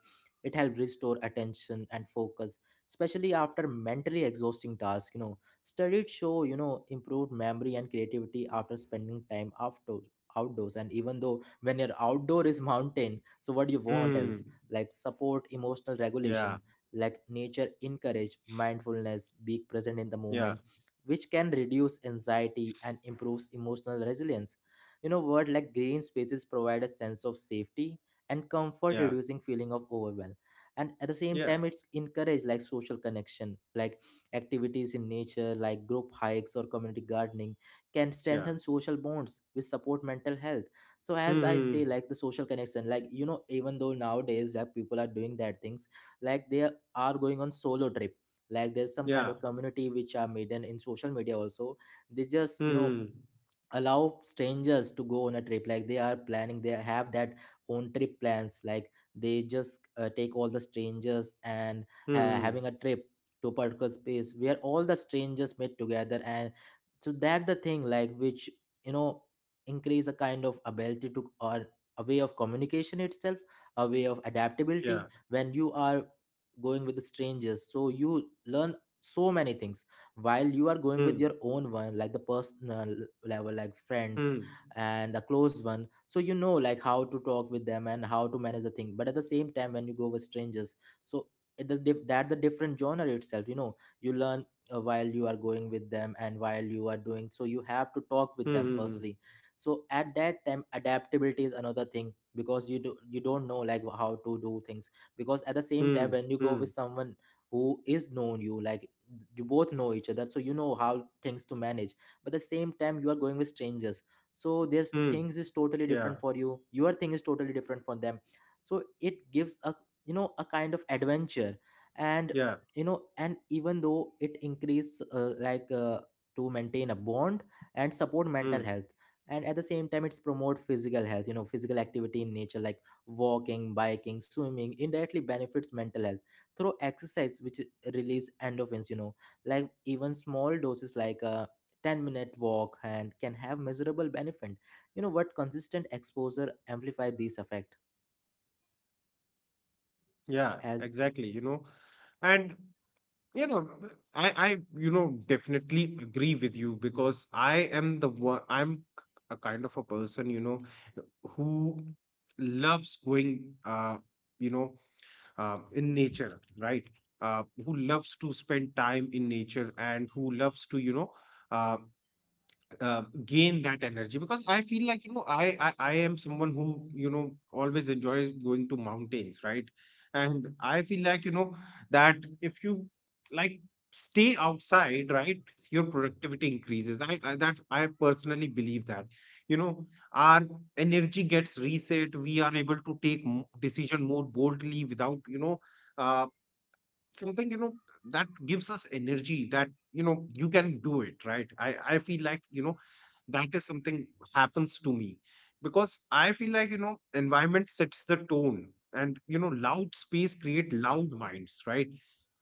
[SPEAKER 1] it helps restore attention and focus, especially after mentally exhausting tasks. Studies show, improved memory and creativity after spending time outdoors, and even though when your outdoor is mountain, so what do you want else?
[SPEAKER 2] Hmm.
[SPEAKER 1] Like, support emotional
[SPEAKER 2] Yeah.
[SPEAKER 1] regulation. Like, nature encourage mindfulness, be present in the
[SPEAKER 2] Yeah.
[SPEAKER 1] moment, which can reduce anxiety and improves emotional resilience, word like green spaces provide a sense of safety and comfort,
[SPEAKER 2] Yeah.
[SPEAKER 1] reducing feeling of overwhelm. And at the same
[SPEAKER 2] Yeah.
[SPEAKER 1] time, it's encourage like social connection, like activities in nature, like group hikes or community gardening, can
[SPEAKER 2] Yeah.
[SPEAKER 1] strengthen social bonds, which support mental health. So as I say,
[SPEAKER 2] Hmm.
[SPEAKER 1] like the social connection, like, even though nowadays that people are doing that things, like they are going on solo trip. Like, there's some kind
[SPEAKER 2] Yeah.
[SPEAKER 1] of community which are made in social media also. They just
[SPEAKER 2] Hmm.
[SPEAKER 1] allow strangers to go on a trip, like they are planning, they have that own trip plans. Like, they just take all the strangers and
[SPEAKER 2] Hmm.
[SPEAKER 1] having a trip to a particular space where all the strangers meet together. And so that the thing, like which you know increase a kind of ability to, or a way of communication itself, a way of
[SPEAKER 2] Yeah.
[SPEAKER 1] adaptability when you are going with the strangers. So you learn so many things while you are going
[SPEAKER 2] Hmm.
[SPEAKER 1] with your own one, like the personal level, like
[SPEAKER 2] Hmm.
[SPEAKER 1] friends and a close one. So like how to talk with them and how to manage the thing. But at the same time when you go with strangers, so it is that the different genre itself. You learn, while you are going with them, and while you are doing so, you have to talk with them
[SPEAKER 2] Hmm.
[SPEAKER 1] firstly. So at that time adaptability is another thing, because you don't know like how to do things, because at the same time
[SPEAKER 2] Hmm.
[SPEAKER 1] when you go with
[SPEAKER 2] Hmm.
[SPEAKER 1] someone who is known you, like you both know each other, so you know how things to manage. But at the same time, you are going with strangers, so there's
[SPEAKER 2] Mm.
[SPEAKER 1] things is totally
[SPEAKER 2] Yeah,
[SPEAKER 1] different for you, your thing is totally different for them. So it gives a you know a kind of adventure. And
[SPEAKER 2] yeah,
[SPEAKER 1] and even though it increase like to maintain a bond and support mental
[SPEAKER 2] mm,
[SPEAKER 1] health. And at the same time it's promote physical health, physical activity in nature like walking, biking, swimming indirectly benefits mental health through exercise, which release endorphins. Like, even small doses, like a 10-minute walk and can have measurable benefit, you know what, consistent exposure amplify these effect.
[SPEAKER 2] yeah,
[SPEAKER 1] As
[SPEAKER 2] exactly, you know. And, you know, I you know, definitely agree with you, because I am the one. A kind of a person, you know, who loves going you know, in nature, right? Who loves to spend time in nature, and who loves to, you know, uh, gain that energy. Because I feel like, you know, I am someone who, you know, always enjoys going to mountains, right? And I feel like, you know, that if you, like, stay outside, right, your productivity increases. I that I personally believe that, you know, our energy gets reset. We are able to take decision more boldly without, you know, uh, something, you know, that gives us energy, that, you know, you can do it, right? I feel like, you know, that is something happens to me. Because I feel like, you know, environment sets the tone. And, you know, loud space create loud minds, right?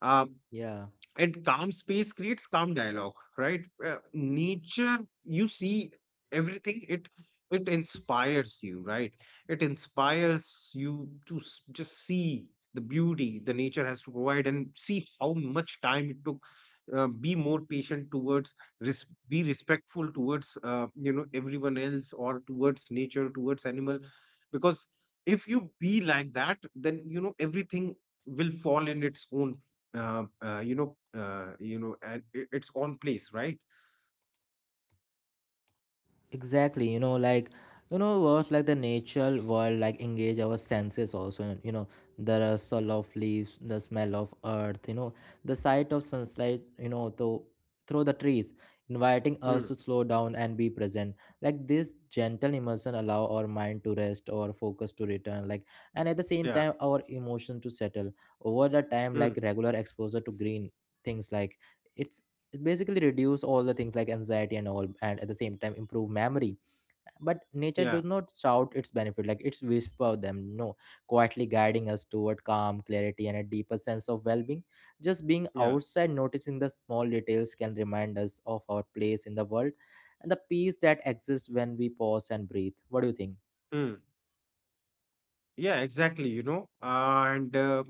[SPEAKER 2] Uh,
[SPEAKER 1] Yeah,
[SPEAKER 2] and calm space creates calm dialogue, right? Nature, you see, everything, it inspires you, right? It inspires you to just see the beauty the nature has to provide, and see how much time it took. Be more patient towards, be respectful towards, you know, everyone else, or towards nature, towards animal. Because if you be like that, then, you know, everything will fall in its own, you know, and I- its own place, right?
[SPEAKER 1] exactly. You know what, like the natural world, like engage our senses also, and, the rustle of leaves, the smell of earth, the sight of sunlight, though through the trees, inviting us
[SPEAKER 2] Mm,
[SPEAKER 1] to slow down and be present. Like, this gentle immersion allow our mind to rest, our focus to return, like, and at the same
[SPEAKER 2] yeah,
[SPEAKER 1] time our emotion to settle over the time.
[SPEAKER 2] mm,
[SPEAKER 1] Like regular exposure to green things, like it's it basically reduce all the things like anxiety and all, and at the same time improve memory. But nature
[SPEAKER 2] yeah,
[SPEAKER 1] does not shout its benefit, like it's whisper them, no, quietly guiding us toward calm clarity and a deeper sense of well-being. Just being
[SPEAKER 2] yeah,
[SPEAKER 1] outside, noticing the small details, can remind us of our place in the world and the peace that exists when we pause and breathe. What do you think?
[SPEAKER 2] mm, yeah, exactly. You know, and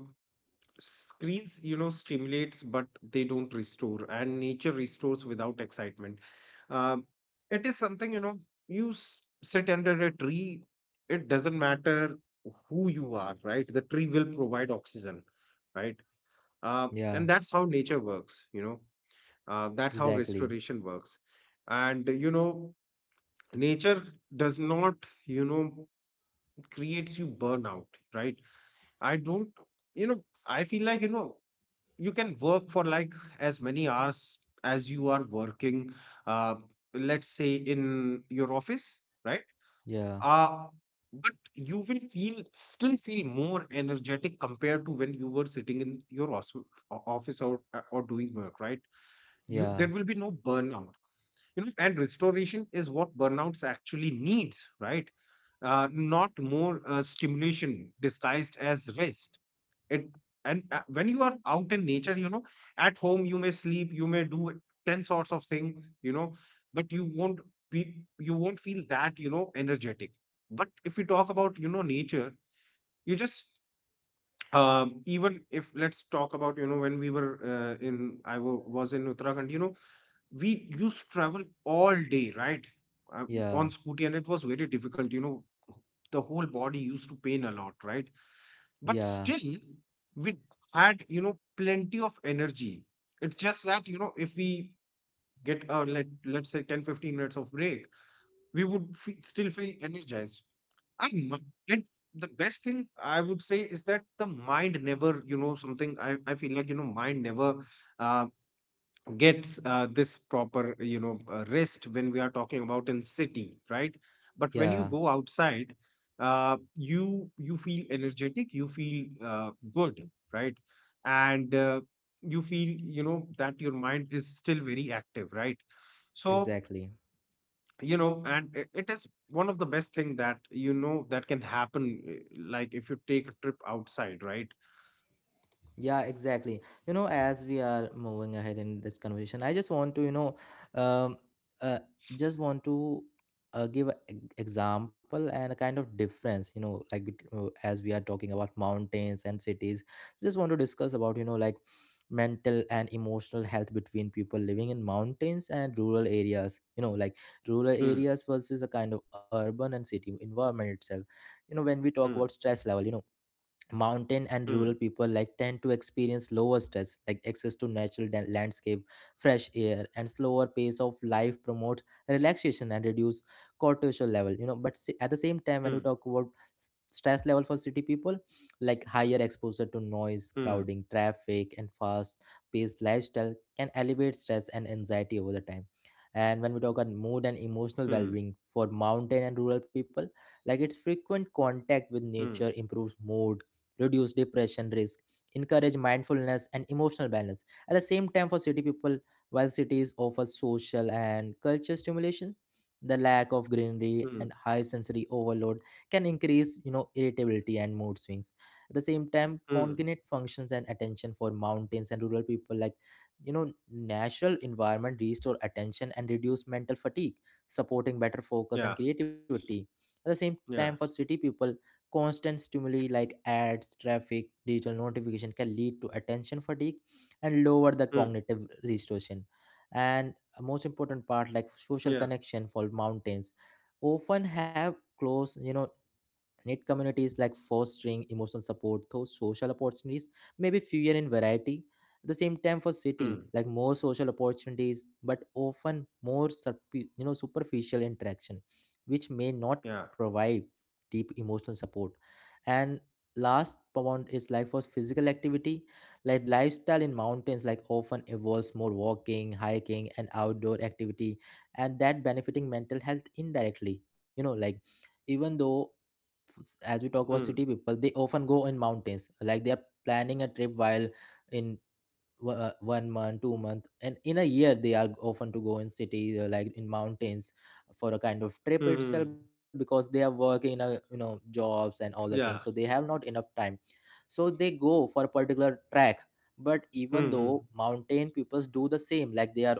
[SPEAKER 2] screens, you know, stimulates, but they don't restore, and nature restores without excitement. Um, it is something, you know, you sit under a tree, it doesn't matter who you are, right? The tree will provide oxygen, right?
[SPEAKER 1] Yeah,
[SPEAKER 2] And that's how nature works, you know. That's how
[SPEAKER 1] exactly.
[SPEAKER 2] restoration works. And, you know, nature does not, you know, creates you burnout, right? I don't, you know, I feel like, you know, you can work for, like, as many hours as you are working, uh, let's say in your office, right?
[SPEAKER 1] Yeah,
[SPEAKER 2] Uh, but you will feel still feel more energetic compared to when you were sitting in your office, or doing work, right? you
[SPEAKER 1] yeah,
[SPEAKER 2] there will be no burnout, you know. And restoration is what burnouts actually needs, right? Not more stimulation disguised as rest. It and when you are out in nature, you know, at home you may sleep, you may do 10 sorts of things, you know, but you won't be, you won't feel that, you know, energetic. But if we talk about, you know, nature, you just, even if, let's talk about, you know, when we were in I was in uttarakhand, you know, we used to travel all day, right? Uh,
[SPEAKER 1] yeah,
[SPEAKER 2] on scooty, and it was very difficult. You know, the whole body used to pain a lot, right? But
[SPEAKER 1] yeah,
[SPEAKER 2] still, we had, you know, plenty of energy. It's just that, you know, if we get, let's say 10 to 15 minutes of break, we would fe still feel energized. and, mi- and the best thing I would say is that the mind never you know something I feel like, you know, mind never uh, gets this proper, you know, rest when we are talking about in city, right? But when you
[SPEAKER 1] yeah,
[SPEAKER 2] go outside, you, you feel energetic, you feel good, right? And you feel, you know, that your mind is still very active, right? So,
[SPEAKER 1] exactly.
[SPEAKER 2] you know, and it is one of the best thing that, you know, that can happen, eh, like if you take a trip outside, right?
[SPEAKER 1] Yeah, exactly. You know, as we are moving ahead in this conversation, I just want to, um, uh, just want to give an example and a kind of difference, like, as we are talking about mountains and cities, just want to discuss about, like mental and emotional health between people living in mountains and rural areas, like rural
[SPEAKER 2] Hmm.
[SPEAKER 1] areas versus a kind of urban and city environment itself. You know, when we talk
[SPEAKER 2] Hmm.
[SPEAKER 1] about stress level, mountain and
[SPEAKER 2] Hmm.
[SPEAKER 1] rural people like tend to experience lower stress, like access to natural landscape, fresh air and slower pace of life promote relaxation and reduce cortisol level, but at the same
[SPEAKER 2] Hmm.
[SPEAKER 1] time when we talk about stress level for city people, like higher exposure to noise,
[SPEAKER 2] Hmm.
[SPEAKER 1] crowding, traffic and fast paced lifestyle can elevate stress and anxiety over the time. And when we talk about mood and
[SPEAKER 2] Hmm.
[SPEAKER 1] emotional well-being for mountain and rural people, like its frequent contact with
[SPEAKER 2] Hmm.
[SPEAKER 1] nature improves mood, reduce depression risk, encourage mindfulness and emotional balance. At the same time, for city people, while cities offer social and cultural stimulation, the lack of greenery
[SPEAKER 2] Hmm.
[SPEAKER 1] and high sensory overload can increase, irritability and mood swings. At the same time,
[SPEAKER 2] Hmm.
[SPEAKER 1] cognitive functions and attention for mountains and rural people, like natural environment restore attention and reduce mental fatigue, supporting better
[SPEAKER 2] Yeah.
[SPEAKER 1] focus and creativity. At the same time
[SPEAKER 2] Yeah.
[SPEAKER 1] for city people, constant stimuli like ads, traffic, digital notification can lead to attention fatigue and lower the
[SPEAKER 2] Mm.
[SPEAKER 1] cognitive restoration. And a most important part, like social
[SPEAKER 2] Yeah.
[SPEAKER 1] connection for mountains, often have close, Need communities, like fostering emotional support through social opportunities, maybe fewer in variety. At the same time, for
[SPEAKER 2] Mm.
[SPEAKER 1] city, like more social opportunities, but often more superficial interaction, which may not
[SPEAKER 2] Yeah.
[SPEAKER 1] provide deep emotional support. And last point is like for physical activity, like lifestyle in mountains, like often involves more walking, hiking, and outdoor activity, and that benefiting mental health indirectly. You know, like even though as we talk about city
[SPEAKER 2] Mm.
[SPEAKER 1] people, they often go in mountains, like they are planning a trip while in one month 2 month, and in a year, they are often to go in city, like in mountains for a kind of trip
[SPEAKER 2] Mm.
[SPEAKER 1] itself, because they are working in a jobs and all the things, so
[SPEAKER 2] Yeah.
[SPEAKER 1] they have not enough time, so they go for a particular track. But even
[SPEAKER 2] Mm.
[SPEAKER 1] though mountain peoples do the same, like they are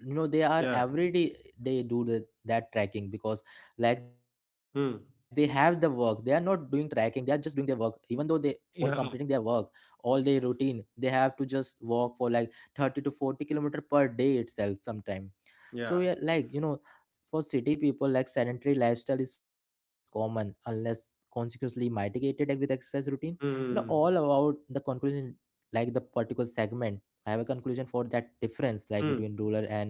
[SPEAKER 1] you know they are
[SPEAKER 2] Yeah.
[SPEAKER 1] every day, they do that tracking, because like they have the
[SPEAKER 2] Mm.
[SPEAKER 1] work, they are not doing tracking, they are just doing their work, even though they, for completing their
[SPEAKER 2] Yeah.
[SPEAKER 1] work, all day routine they have to just walk for like 30 to 40 kilometer per day itself sometime.
[SPEAKER 2] Yeah.
[SPEAKER 1] So yeah, like, for city people like sedentary lifestyle is common, unless consequently mitigated with exercise routine, all
[SPEAKER 2] Mm.
[SPEAKER 1] about the conclusion, like the particular segment. I have a conclusion for that difference, like
[SPEAKER 2] Mm.
[SPEAKER 1] between rural and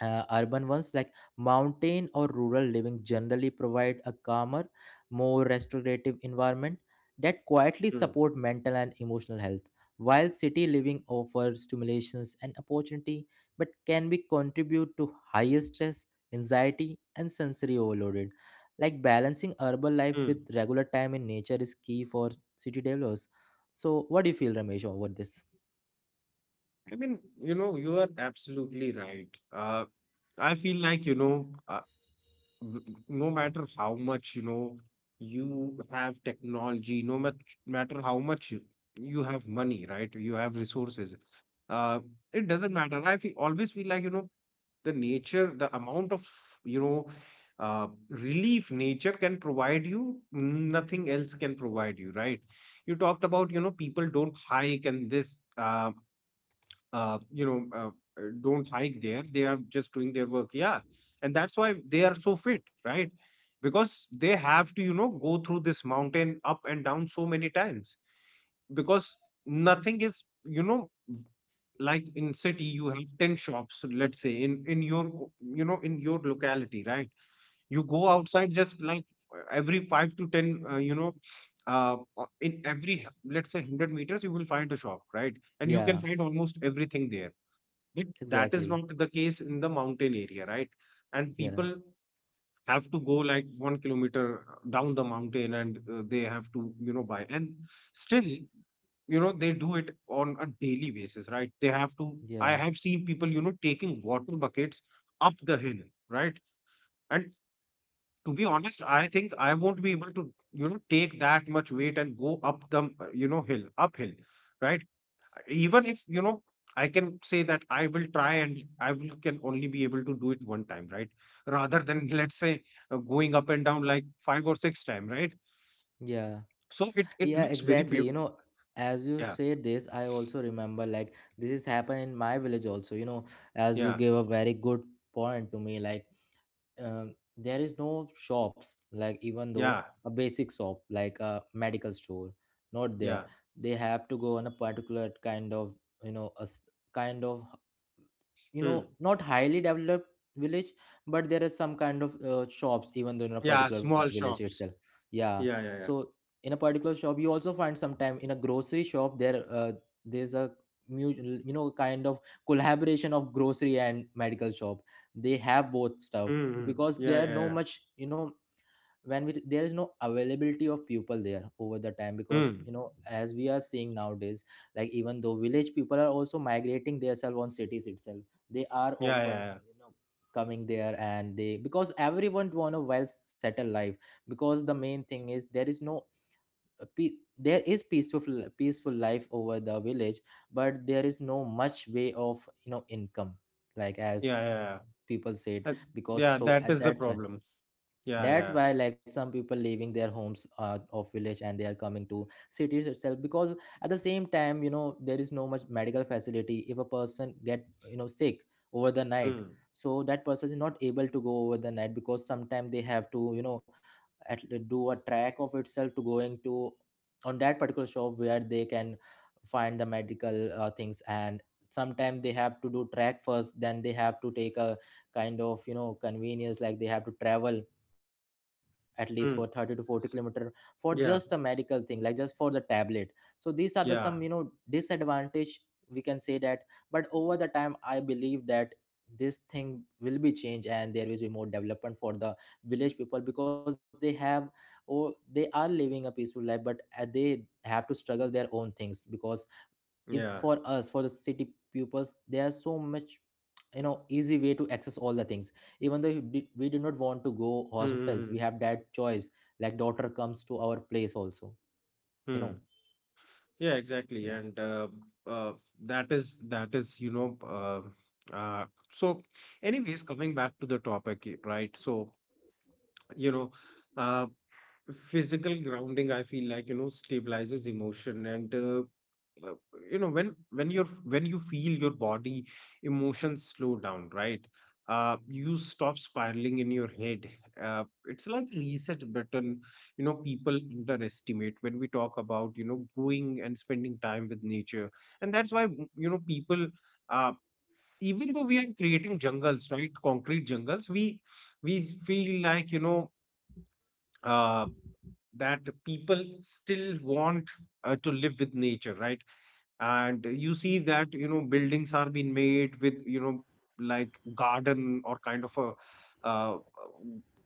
[SPEAKER 1] urban ones, like mountain or rural living generally provide a calmer, more restorative environment that quietly
[SPEAKER 2] Mm.
[SPEAKER 1] support mental and emotional health, while city living offers stimulations and opportunity but can be contribute to higher stress, anxiety and sensory overloaded. Like balancing urban life
[SPEAKER 2] Mm.
[SPEAKER 1] with regular time in nature is key for city developers. So what do you feel, Ramesh, over this?
[SPEAKER 2] I mean, you know, you are absolutely right. I feel like, you know, no matter how much, you know, you have technology, no mat matter how much you have money, right? You have resources. Uh, it doesn't matter. Always feel like, you know, the nature, the amount of, you know, relief nature can provide you, nothing else can provide you, right? You talked about, you know, people don't hike, and this, you know, don't hike there. They are just doing their work. Yeah. And that's why they are so fit, right? Because they have to, you know, go through this mountain up and down so many times. Because nothing is, you know, like in city you have 10 shops, let's say, in your you know, in your locality, right? You go outside, just like, every 5 to 10, in every let's say 100 meters, you will find a shop, right? And you can
[SPEAKER 1] Yeah,
[SPEAKER 2] find almost everything there. But that is
[SPEAKER 1] exactly.
[SPEAKER 2] not the case in the mountain area, right? And
[SPEAKER 1] Yeah,
[SPEAKER 2] people have to go like one kilometer down the mountain. And they have to, you know, buy. And still, you know, they do it on a daily basis, right? They have to, I
[SPEAKER 1] yeah,
[SPEAKER 2] have seen people, you know, taking water buckets up the hill, right? And to be honest, I think I won't be able to, you know, take that much weight and go up the, you know, hill uphill, right? Even if, you know, I can say that I will try, and I will, can only be able to do it one time, right? Rather than let's say going up and down like five or six time, right?
[SPEAKER 1] yeah,
[SPEAKER 2] So it
[SPEAKER 1] yeah,
[SPEAKER 2] looks very
[SPEAKER 1] exactly. You
[SPEAKER 2] beautiful.
[SPEAKER 1] know, as you
[SPEAKER 2] Yeah.
[SPEAKER 1] said this, I also remember like this has happened in my village also, you know, as you
[SPEAKER 2] Yeah.
[SPEAKER 1] gave a very good point to me, like there is no shops like even though
[SPEAKER 2] Yeah.
[SPEAKER 1] a basic shop like a medical store not
[SPEAKER 2] Yeah.
[SPEAKER 1] there. They have to go on a particular kind of, you know, kind of, you
[SPEAKER 2] Hmm.
[SPEAKER 1] know, not highly developed village, but there is some kind of shops even though in a
[SPEAKER 2] Yeah,
[SPEAKER 1] particular
[SPEAKER 2] small
[SPEAKER 1] village itself.
[SPEAKER 2] shops.
[SPEAKER 1] Yeah,
[SPEAKER 2] Yeah. Yeah.
[SPEAKER 1] so
[SPEAKER 2] Yeah.
[SPEAKER 1] in a particular shop you also find sometime in a grocery shop there, there's a you know, kind of collaboration of grocery and medical shop. They have both stuff
[SPEAKER 2] Mm-hmm.
[SPEAKER 1] because
[SPEAKER 2] Yeah.
[SPEAKER 1] there are
[SPEAKER 2] Yeah.
[SPEAKER 1] no
[SPEAKER 2] Yeah.
[SPEAKER 1] much, you know, when we there is no availability of people there over the time, because,
[SPEAKER 2] Mm.
[SPEAKER 1] you know, as we are seeing nowadays, like even though village people are also migrating themselves on cities itself. They are
[SPEAKER 2] Yeah.
[SPEAKER 1] often,
[SPEAKER 2] Yeah. Yeah.
[SPEAKER 1] you know, coming there, and they because everyone want a well settled life, because the main thing is there is no uh, pe- there is peaceful life over the village, but there is no much way of, you know, income, like as
[SPEAKER 2] Yeah. Yeah. Yeah.
[SPEAKER 1] people said.
[SPEAKER 2] Uh,
[SPEAKER 1] Because
[SPEAKER 2] yeah,
[SPEAKER 1] so
[SPEAKER 2] that
[SPEAKER 1] at
[SPEAKER 2] is the
[SPEAKER 1] that's why
[SPEAKER 2] problem. Yeah.
[SPEAKER 1] that's
[SPEAKER 2] Yeah.
[SPEAKER 1] why like some people leaving their homes of village and they are coming to cities itself, because at the same time, you know, there is no much medical facility. If a person get, you know, sick over the night,
[SPEAKER 2] Mm.
[SPEAKER 1] so that person is not able to go over the night, because sometimes they have to, you know, at, do a track of itself to going to on that particular shop where they can find the medical things. And sometimes they have to do track first, then they have to take a kind of, you know, convenience, like they have to travel at least for 30 to 40
[SPEAKER 2] Mm.
[SPEAKER 1] kilometer for just a medical
[SPEAKER 2] Yeah.
[SPEAKER 1] thing, like just for the tablet. So these are the some, you know,
[SPEAKER 2] Yeah.
[SPEAKER 1] disadvantage, we can say that. But over the time I believe that this thing will be changed, and there will be more development for the village people, because they have or they are living a peaceful life, but they have to struggle their own things, because it's
[SPEAKER 2] Yeah.
[SPEAKER 1] for us, for the city pupils, there are so much, you know, easy way to access all the things. Even though we do not want to go hospitals,
[SPEAKER 2] Mm-hmm.
[SPEAKER 1] we have that choice, like daughter comes to our place also, you know.
[SPEAKER 2] Yeah, exactly.
[SPEAKER 1] Yeah,
[SPEAKER 2] And uh, that is, you know, uh, so anyways, coming back to the topic, right? So, you know, uh, physical grounding, I feel like, stabilizes emotion and uh, uh, you know when when you're, when you feel your body, emotions slow down, right? You stop spiraling in your head. Uh it's like reset button. You know, people underestimate when we talk about, you know, going and spending time with nature. And that's why, you know, people, uh even though we are creating jungles, right, concrete jungles, we feel like, you know, uh that the people still want, to live with nature, right? And you see that, you know, buildings are being made with, you know, like garden or kind of a, uh,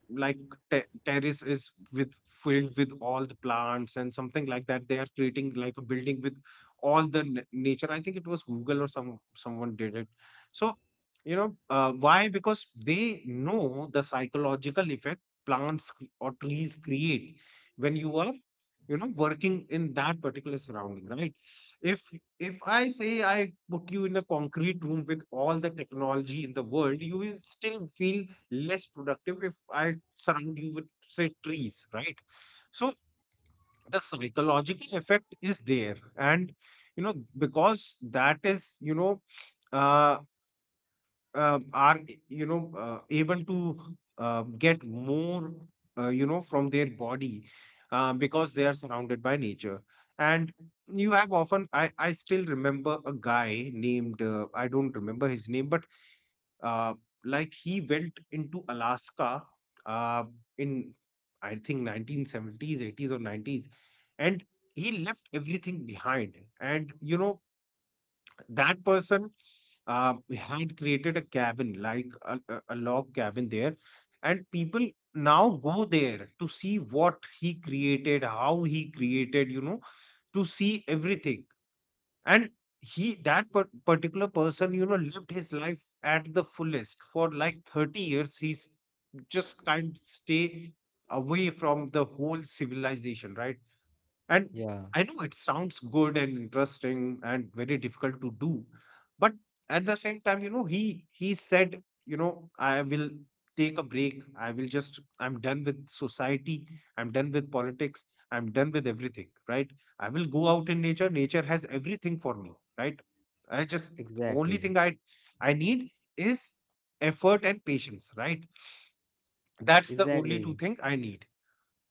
[SPEAKER 2] like, terrace is with filled with all the plants and something like that. They are creating like a building with all the nature. I think it was Google or some someone did it. So, why? Because they know the psychological effect plants cre- or trees create when you are, you know, working in that particular surrounding, right? if if I say I put you in a concrete room with all the technology in the world, you will still feel less productive if I surround you with, say, trees, right? So the psychological effect is there. And, you know, because that is, you know, uh, are, you know, able to, get more, from their body, because they are surrounded by nature. And you have often, I still remember a guy named, I don't remember his name, but, uh, like he went into Alaska, uh, in, I think, 1970s, 80s or 90s. And he left everything behind, and, you know, that person, had created a cabin, like a, a log cabin there. And people now go there to see what he created, how he created, you know, to see everything. And he, that particular person, you know, lived his life at the fullest for like 30 years. He's just kind of stay away from the whole civilization, right? And
[SPEAKER 1] yeah,
[SPEAKER 2] I know it sounds good and interesting and very difficult to do, but at the same time, you know, he said, you know, I will take a break. I will just, I'm done with society. I'm done with politics. I'm done with everything, right? I will go out in nature. Nature has everything for me, right? I just, the only
[SPEAKER 1] exactly,
[SPEAKER 2] thing I need is effort and patience, right? That's the only two
[SPEAKER 1] exactly.
[SPEAKER 2] things I need.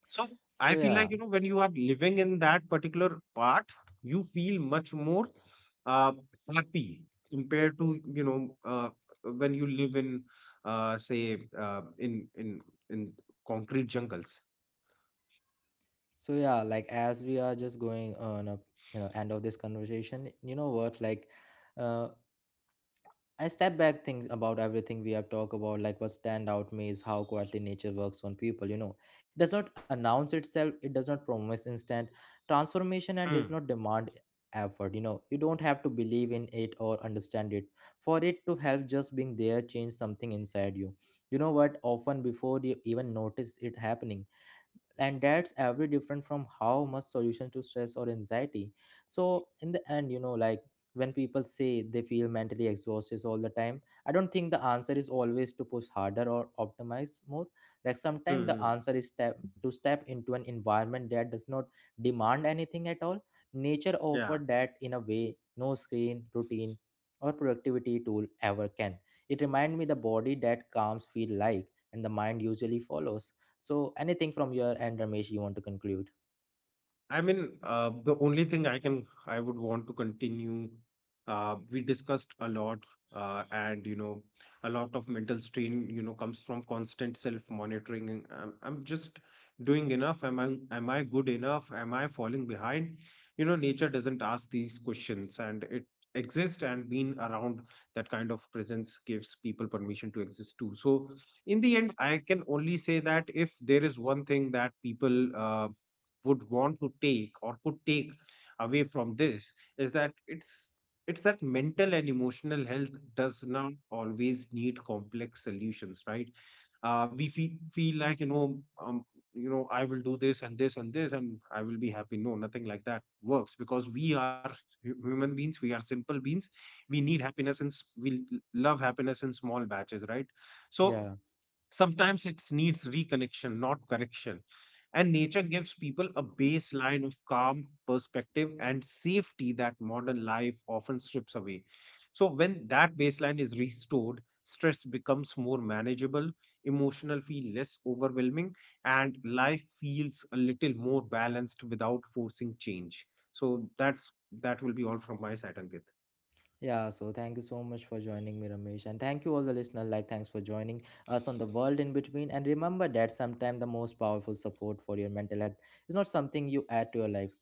[SPEAKER 2] So I
[SPEAKER 1] So
[SPEAKER 2] feel
[SPEAKER 1] yeah,
[SPEAKER 2] like, you know, when you are living in that particular part, you feel much more, uh, happy compared to, you know, when you live in, say, in concrete jungles.
[SPEAKER 1] so yeah, like as we are just going on a, you know, end of this conversation, you know what, like uh, I step back, think about everything we have talked about, like what stand out me is how quietly nature works on people, you know. It does not announce itself, it does not promise instant transformation and does
[SPEAKER 2] Mm,
[SPEAKER 1] not demand effort, you know. You don't have to believe in it or understand it for it to help. Just being there change something inside you. You know what? Often before you even notice it happening, and that's every different from how much solution to stress or anxiety. So in the end, you know, like when people say they feel mentally exhausted all the time, I don't think the answer is always to push harder or optimize more. Like
[SPEAKER 2] mm,
[SPEAKER 1] sometimes the
[SPEAKER 2] mm.
[SPEAKER 1] answer is step into an environment that does not demand anything at all. Nature
[SPEAKER 2] Yeah.
[SPEAKER 1] offered that in a way no screen routine or productivity tool ever can. It reminds me the body that calms feel like, and the mind usually follows. So, anything from your end, Ramesh, you want to conclude?
[SPEAKER 2] I mean, the only thing I can, I would want to continue. We discussed a lot, and you know, a lot of mental strain, you know, comes from constant self-monitoring. And I'm just doing enough. Am I good enough? Am I falling behind? You know, nature doesn't ask these questions, and it exists. And being around that kind of presence gives people permission to exist too. So, in the end, I can only say that if there is one thing that people, would want to take or could take away from this is that it's that mental and emotional health does not always need complex solutions, right? We feel like, you know, I will do this and this and this and I will be happy. No, nothing like that works because we are human beings. We are simple beings. We need happiness, and we love happiness in small batches, right? So
[SPEAKER 1] Yeah.
[SPEAKER 2] sometimes it needs reconnection, not correction. And nature gives people a baseline of calm, perspective, and safety that modern life often strips away. So, when that baseline is restored, stress becomes more manageable, emotional feel less overwhelming, and life feels a little more balanced without forcing change. So, that will be all from my side, Ankit.
[SPEAKER 1] Yeah, so thank you so much for joining me, Ramesh. And thank you all the listeners. Like, thanks for joining us on the world in between. And remember that sometimes the most powerful support for your mental health is not something you add to your life,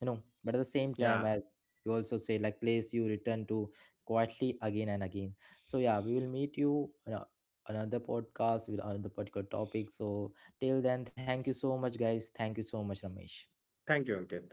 [SPEAKER 1] you know, but at the same time
[SPEAKER 2] Yeah.
[SPEAKER 1] as you also say, like place you return to quietly again and again. So yeah, we will meet you on a- another podcast with another particular topic. So till then, thank you so much, guys. Thank you so much, Ramesh.
[SPEAKER 2] Thank you, Ankit.